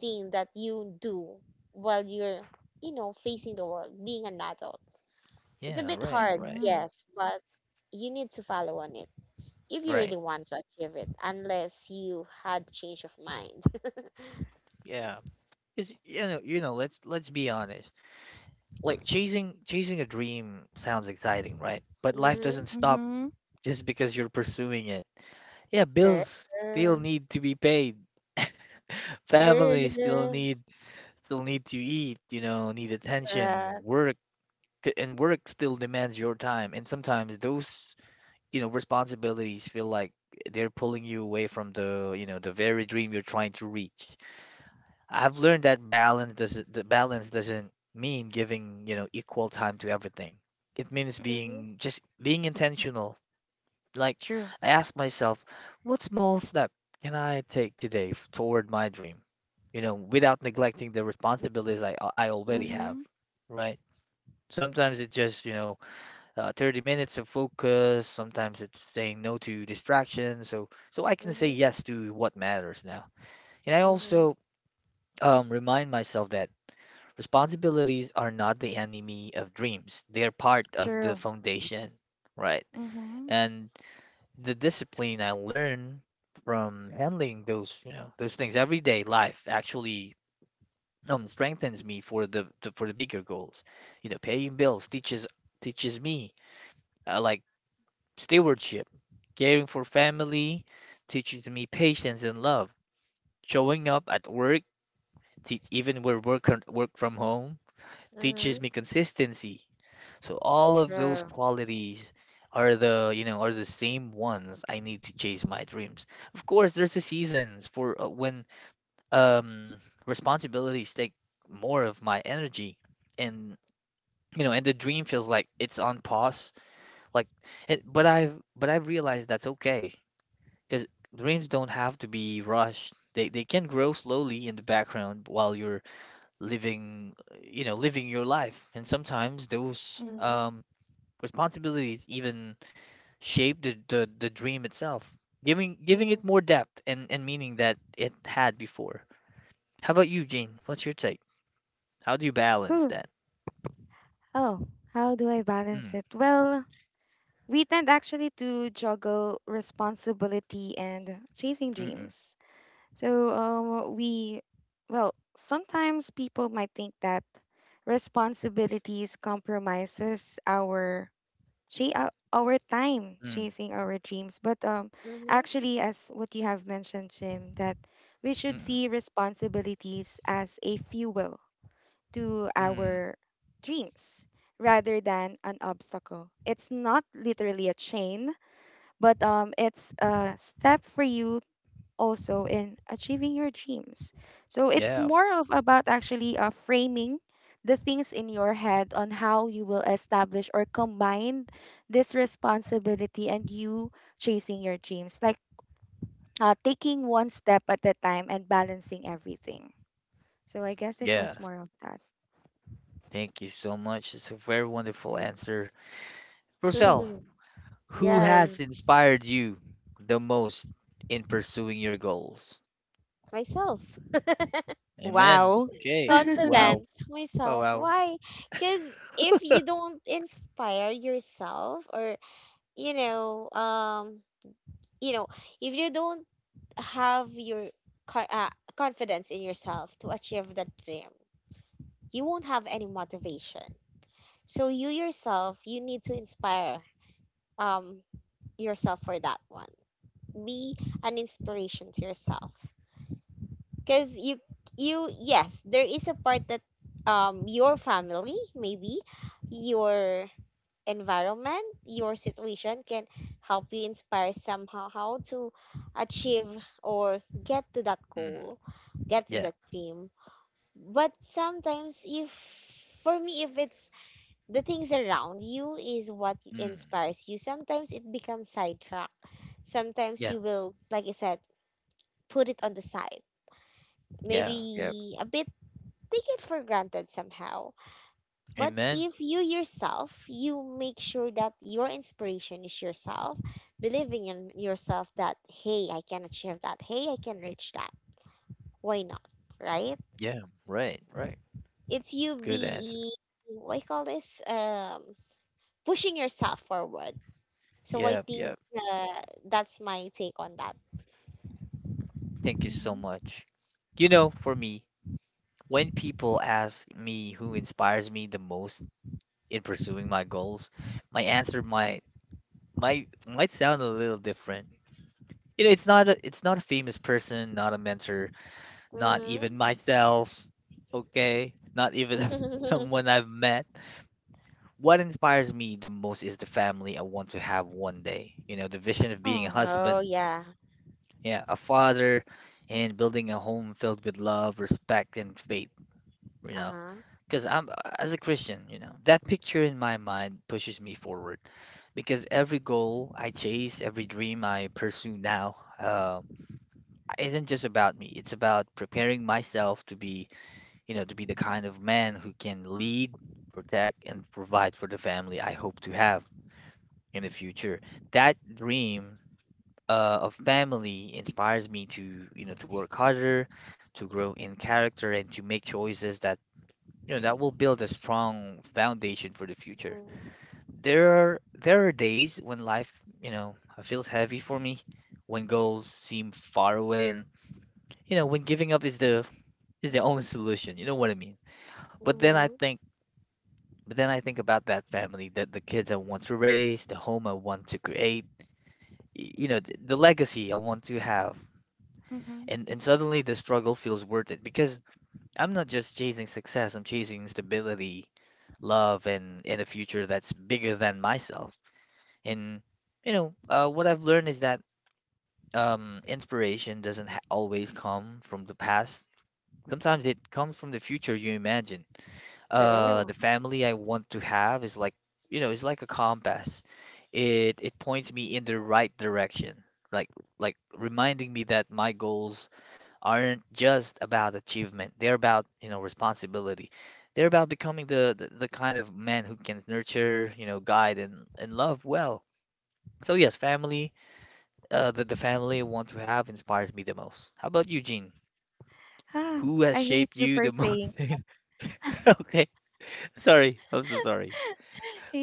S2: thing that you do while you're, you know, facing the world, being an adult. It's a
S1: yeah.
S2: bit
S1: Right,
S2: hard,
S1: right,
S3: Mm-hmm.
S2: yes, but you need to follow on it if you really
S1: right.
S2: want to achieve it, unless you had change of mind.
S1: Yeah. It's you know, you know. Let's be honest. Like chasing a dream sounds exciting, right? But life
S2: Mm-hmm.
S1: doesn't stop
S3: Mm-hmm.
S1: just because you're pursuing it. Yeah,
S2: True.
S1: bills still need to be paid. Family
S2: True.
S1: still need to eat. You know, need attention.
S2: Correct.
S1: And work still demands your time. And sometimes those responsibilities feel like they're pulling you away from the very dream you're trying to reach. I've learned that balance doesn't, the balance doesn't mean giving, equal time to everything. It means
S3: Mm-hmm.
S2: Mm-hmm.
S1: being just being intentional. Like
S3: True.
S1: I ask myself, what small step can I take today toward my dream? You know, without neglecting the responsibilities I already
S2: Mm-hmm.
S1: have,
S3: Mm-hmm.
S1: right? Sometimes it just, 30 minutes of focus. Sometimes it's saying no to distractions. So, I can
S2: Mm-hmm.
S1: say yes to what matters now. And I
S2: Mm-hmm.
S1: also remind myself that responsibilities are not the enemy of dreams. They are part of the
S3: True.
S1: foundation, right?
S3: Mm-hmm.
S1: And the discipline I learn from handling those, those things everyday life actually strengthens me for the for the bigger goals. You know, paying bills teaches teaches me like stewardship, caring for family, teaches me patience and love. Showing up at work, even where work work from home,
S2: Mm-hmm.
S1: teaches me consistency. So all of those
S2: True.
S1: qualities are the, you know, are the same ones I need to chase my dreams. Of course, there's a seasons for when um responsibilities take more of my energy and and the dream feels like it's on pause. Like, but I've realized that's okay because dreams don't have to be rushed. They can grow slowly in the background while you're living, living your life. And sometimes those
S3: Mm-hmm.
S2: Mm-hmm.
S1: responsibilities even shape the dream itself, giving it
S2: Mm-hmm.
S1: more depth and meaning that it had before. How about you, Jane? What's your take? How do you balance that?
S3: Oh, how do I balance
S1: Mm,
S3: it? Well, we tend actually to juggle responsibility and chasing
S1: mm-mm,
S3: dreams. So, we, well, sometimes people might think that responsibilities compromises our our time
S1: mm,
S3: chasing our dreams. But actually, as what you have mentioned, Jim, that we should
S1: mm-mm,
S3: see responsibilities as a fuel to
S1: mm.
S3: our dreams rather than an obstacle. It's not literally a chain, but it's a step for you also in achieving your dreams. So it's
S1: Yeah,
S3: more of about actually framing the things in your head on how you will establish or combine this responsibility and you chasing your dreams, like taking one step at a time and balancing everything. So I guess it was
S1: yeah.
S3: more of that.
S1: Thank you so much. It's a very wonderful answer. Roselle,
S2: Mm-hmm.
S1: who has
S2: Yes.
S1: inspired you the most in pursuing your goals?
S2: Myself.
S1: Amen.
S3: Wow.
S1: Okay. Wow.
S2: Confidence
S1: Oh,
S2: myself,
S1: wow.
S2: why? Because if you don't inspire yourself, or you know um you know if you don't have your co- confidence in yourself to achieve that dream, you won't have any motivation. So you yourself, you need to inspire um yourself for that one. Be an inspiration to yourself, because you, yes, there is a part that your family, maybe your environment, your situation, can help you inspire somehow how to achieve or get to that
S1: Mm.
S2: goal, get to
S1: Yeah.
S2: that dream. But sometimes if, for me, if it's the things around you is what
S1: Mm.
S2: inspires you, sometimes it becomes sidetracked. Sometimes
S1: Yeah.
S2: you will, like I said, put it on the side,
S1: Yeah. Yeah.
S2: maybe a bit take it for granted somehow. But
S1: Amen.
S2: if you yourself, you make sure that your inspiration is yourself, believing in yourself that, hey, I can achieve that. Hey, I can reach that. Why not? Right?
S1: Yeah. Right. Right.
S2: It's you
S1: Good answer.
S2: being, what do you call this? Pushing yourself forward. So I
S1: Yeah. Yeah.
S2: think that's my take on that.
S1: Thank you so
S3: Mhm.
S1: much. You know, for me, when people ask me who inspires me the most in pursuing my goals, my answer might sound a little different. You know, it's not a famous person, not a mentor, not even
S2: Mm-hmm.
S1: myself, okay? Not even someone I've met. What inspires me the most is the family I want to have one day. You know, the vision of being a
S3: Oh.
S2: Oh,
S1: husband,
S2: yeah.
S1: yeah, a father, and building a home filled with love, respect, and faith, you know.
S2: Uh-huh.
S1: Because I'm, as a Christian, you know, that picture in my mind pushes me forward. Because every goal I chase, every dream I pursue now, isn't just about me. It's about preparing myself to be to be the kind of man who can lead, protect, and provide for the family I hope to have in the future. That dream of family inspires me to, to work harder, to grow in character, and to make choices that, that will build a strong foundation for the future. There are days when life, you know, feels heavy for me, when goals seem far away, and when giving up is the only solution. You know what I mean? But then I
S2: Mm-hmm.
S1: think But then I think about that family, that the kids I want to raise, the home I want to create, the legacy I want to have.
S3: Mhm.
S1: And suddenly the struggle feels worth it because I'm not just chasing success, I'm chasing stability, love, and a future that's bigger than myself. And what I've learned is that inspiration doesn't ha always come from the past. Sometimes it comes from the future you imagine.
S3: True.
S1: The
S2: True.
S1: family I want to have is like, you know, it's like a compass. It points me in the right direction, like like reminding me that my goals aren't just about achievement, they're about, you know, responsibility. They're about becoming the kind of man who can nurture, you know, guide and love well. So yes, family, the family I want to have inspires me the most. How about you, Gene?
S3: Ah,
S1: Who has
S3: I hate
S1: shaped
S3: you
S1: you
S3: for
S1: the most?
S3: saying.
S1: Okay, sorry, I'm so sorry.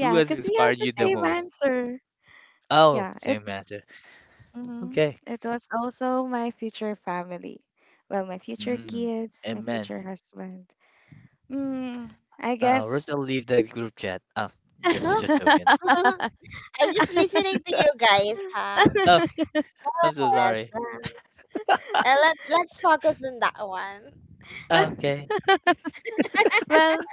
S1: Who has
S3: because we have
S1: inspired
S3: the
S1: you the
S3: same
S1: most?
S3: answer.
S1: Oh,
S3: Yeah, it
S1: same answer.
S3: Mhm.
S1: Okay.
S3: It was also my future family. Well, my future
S1: Mm,
S3: kids, my
S1: amen.
S3: future husband. Mm, I guess.
S1: Rosal, leave the group chat. Oh, that's
S2: Huh?
S1: just joking.
S2: I'm just listening to you guys, huh?
S1: Oh, I'm so
S2: Yes.
S1: sorry.
S2: Let's focus on that one.
S1: Okay.
S3: Well,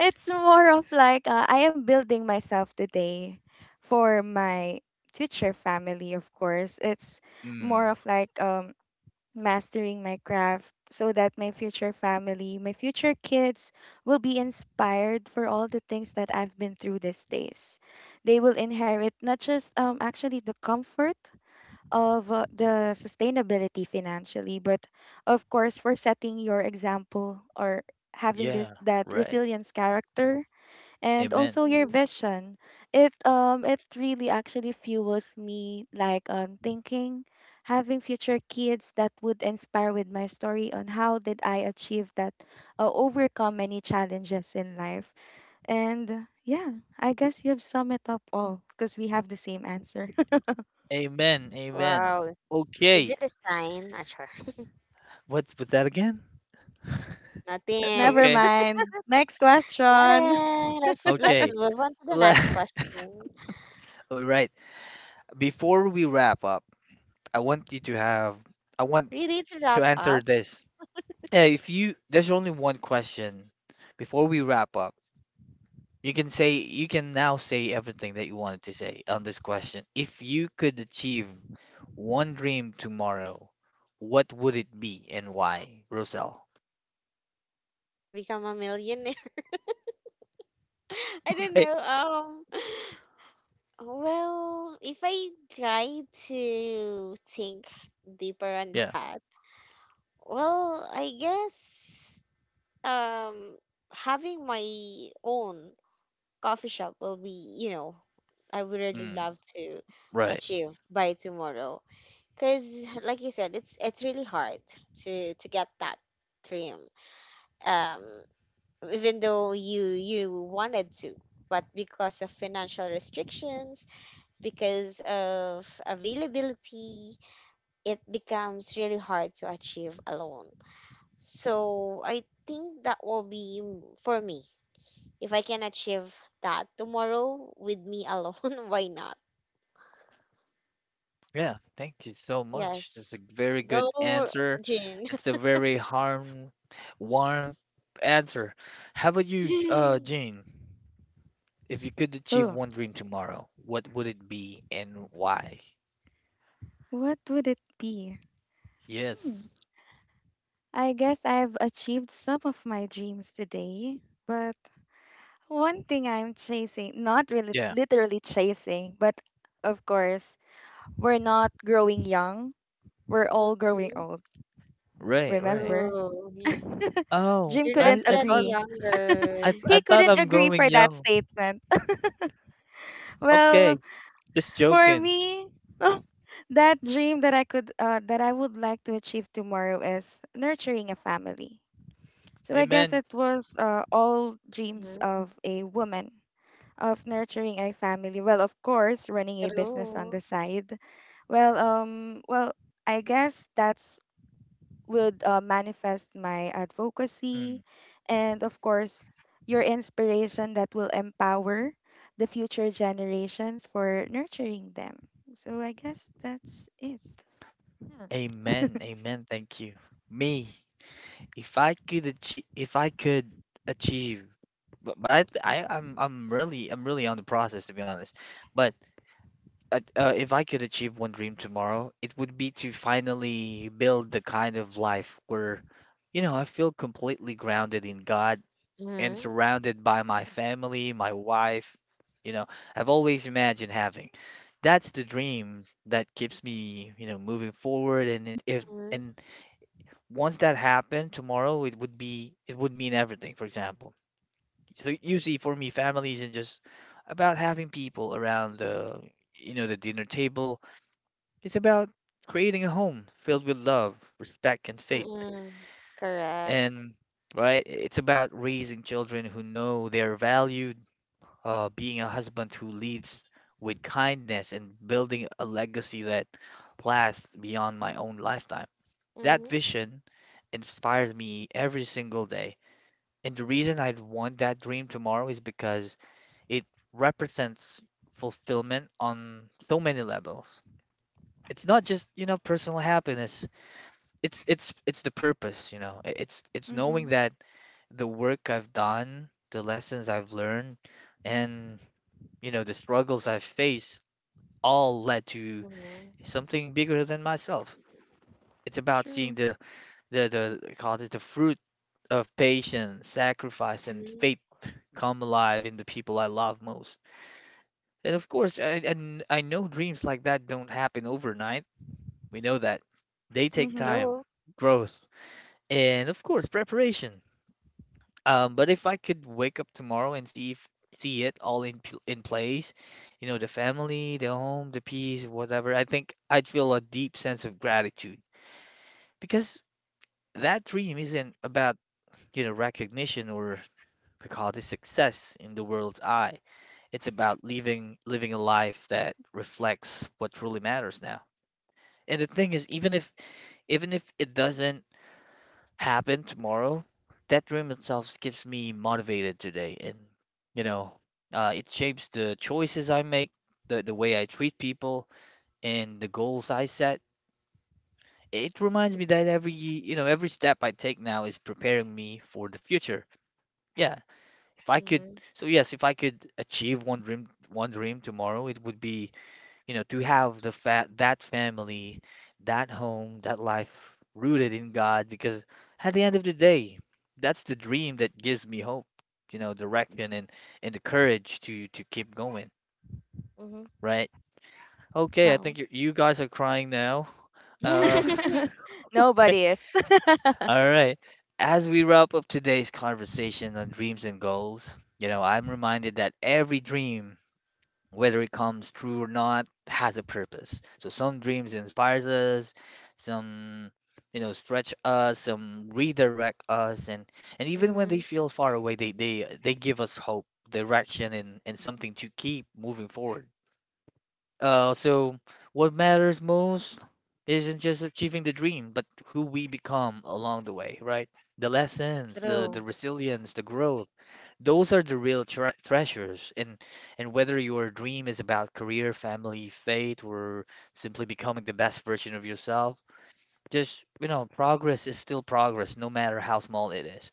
S3: it's more of like I am building myself today for my future family, of course. It's more
S1: Mm,
S3: of like mastering my craft so that my future family, my future kids will be inspired for all the things that I've been through these days. They will inherit not just actually the comfort of the sustainability financially, but of course for setting your example or having this
S1: yeah,
S3: that
S1: right.
S3: resilience character and
S1: Amen.
S3: also your
S2: Mhm.
S3: vision. It it really actually fuels me like on thinking having future kids that would inspire with my story on how did I achieve that overcome any challenges in life. And yeah, I guess you've summed it up all because we have the same answer.
S1: Amen. Amen.
S2: Wow. Is
S1: Okay.
S2: it a sign? Not sure.
S1: What was that again?
S2: Nothing.
S3: Never
S1: Okay.
S3: mind. Next question.
S2: Nothing. Let's
S1: Okay.
S2: move on to the
S1: Le-
S2: next question.
S1: All right. Before we wrap up, I want you to have, I want
S2: Really to
S1: to
S2: wrap
S1: answer
S2: up,
S1: this. If you, there's only one question before we wrap up. You can now say everything that you wanted to say on this question. If you could achieve one dream tomorrow, what would it be and why, Roselle?
S2: become a millionaire. I don't
S1: Okay.
S2: know. Well, if I try to think deeper on
S1: Yeah.
S2: that, well, I guess um having my own coffee shop will be, you know, I would really
S1: Mm,
S2: love to
S1: right.
S2: achieve by tomorrow. Cause like you said, it's really hard to get that dream. Um, even though you wanted to, but because of financial restrictions, because of availability, it becomes really hard to achieve alone. So I think that will be for me, if I can achieve that tomorrow with me alone, why not?
S1: Yeah, thank you so much. That's a
S2: Yes.
S1: very good
S2: Go,
S1: answer.
S2: Jin.
S1: It's a very harm warm answer. How about you, Jane? If you could achieve
S3: Oh,
S1: one dream tomorrow, what would it be and why?
S3: what would it be? Hmm.
S1: Yes.
S3: I guess I've achieved some of my dreams today, but one thing I'm chasing, not really
S1: Yeah.
S3: literally chasing, but of course, we're not growing young. We're all growing
S2: Mhm.
S3: old.
S1: Right, right.
S3: Remember?
S2: True. Y-
S1: Oh,
S3: Jim
S2: You're not
S3: couldn't
S1: I
S2: getting
S1: thought.
S3: agree.
S1: I
S2: younger.
S1: th- I
S3: He
S1: thought
S3: couldn't
S1: I'm
S3: agree
S1: growing
S3: for that
S1: young.
S3: statement. Well,
S1: Okay, just
S3: for
S1: joking.
S3: me, that dream that I could that I would like to achieve tomorrow is nurturing a family. So I guess
S1: Amen.
S3: it was all dreams
S2: Mhm.
S3: of a woman of nurturing a family well of course running a business on
S2: True.
S3: the side well well I guess that's would manifest my advocacy
S1: Mm.
S3: and of course your inspiration that will empower the future generations for nurturing them so I guess that's it. Hmm.
S1: Amen. Amen. Thank you. Me, if I could achieve, but I'm really I'm really on the process, to be honest. But if I could achieve one dream tomorrow, it would be to finally build the kind of life where, you know, I feel completely grounded in God and
S2: Mm-hmm.
S1: surrounded by my family, my wife, you know, I've always imagined having. That's the dream that keeps me, you know, moving forward. And it, if
S2: Mm-hmm.
S1: and once that happened tomorrow, it would mean everything. For example, so usually for me, family isn't just about having people around you know, the dinner table. It's about creating a home filled with love, respect, and faith.
S2: Mm-hmm. Correct.
S1: And right, it's about raising children who know they're valued, being a husband who leads with kindness, and building a legacy that lasts beyond my own lifetime. That
S2: Mm-hmm.
S1: vision inspires me every single day. And the reason I'd want that dream tomorrow is because it represents fulfillment on so many levels. It's not just, you know, personal happiness. It's it's the purpose, you know. It's knowing
S3: Mm-hmm.
S1: that the work I've done, the lessons I've learned, and, you know, the struggles I've faced all led to
S2: Mm-hmm.
S1: something bigger than myself. It's about seeing
S3: True.
S1: the the, call it, the fruit of patience, sacrifice, and
S2: Mm-hmm.
S1: faith come alive in the people I love most. And of course, I know dreams like that don't happen overnight. We know that. They take
S3: Mm-hmm.
S2: True.
S1: time, growth, and of course, preparation. But if I could wake up tomorrow and see if, see it all in in place, you know, the family, the home, the peace, whatever, I think I'd feel a deep sense of gratitude because that dream isn't about, you know, recognition or, we call it, success in the world's eye. It's about living a life that reflects what truly matters now. And the thing is, even if it doesn't happen tomorrow, that dream itself keeps me motivated today. And, you know, it shapes the choices I make, the way I treat people, and the goals I set. It reminds me that every, you know, every step I take now is preparing me for the future. Yeah, if I could,
S2: Mm-hmm.
S1: so yes, if I could achieve one dream tomorrow, it would be, you know, to have the fa that family, that home, that life rooted in God, because at the end of the day, that's the dream that gives me hope, you know, direction, and the courage to keep going,
S2: Mm-hmm.
S1: right? Okay, I
S3: Wow.
S1: think you guys are crying now. Uh,
S3: Nobody is.
S1: all right. As we wrap up today's conversation on dreams and goals, you know, I'm reminded that every dream, whether it comes true or not, has a purpose. So some dreams inspires us, some, you know, stretch us, some redirect us, and even when they
S2: Mm-hmm.
S1: feel far away, they give us hope, direction, and something to keep moving forward. So what matters most isn't just achieving the dream, but who we become along the way, right? The lessons, the
S3: True.
S1: the
S2: True.
S1: resilience, the growth, those are the real treasures. And whether your dream is about career, family, faith, or simply becoming the best version of yourself, just, you know, progress is still progress, no matter how small it is.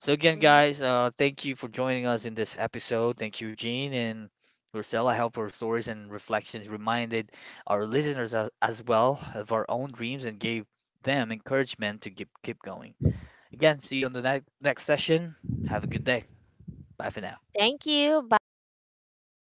S1: So again,
S2: Mm-hmm.
S1: guys, thank you for joining us in this episode. Thank you, Gene and Marcel. I hope our stories and reflections reminded our listeners, as well, of our own dreams, and gave them encouragement to keep going. Again, see you on the next session. Have a good day. Bye for now.
S2: Thank you. Bye, guys.
S3: Bye.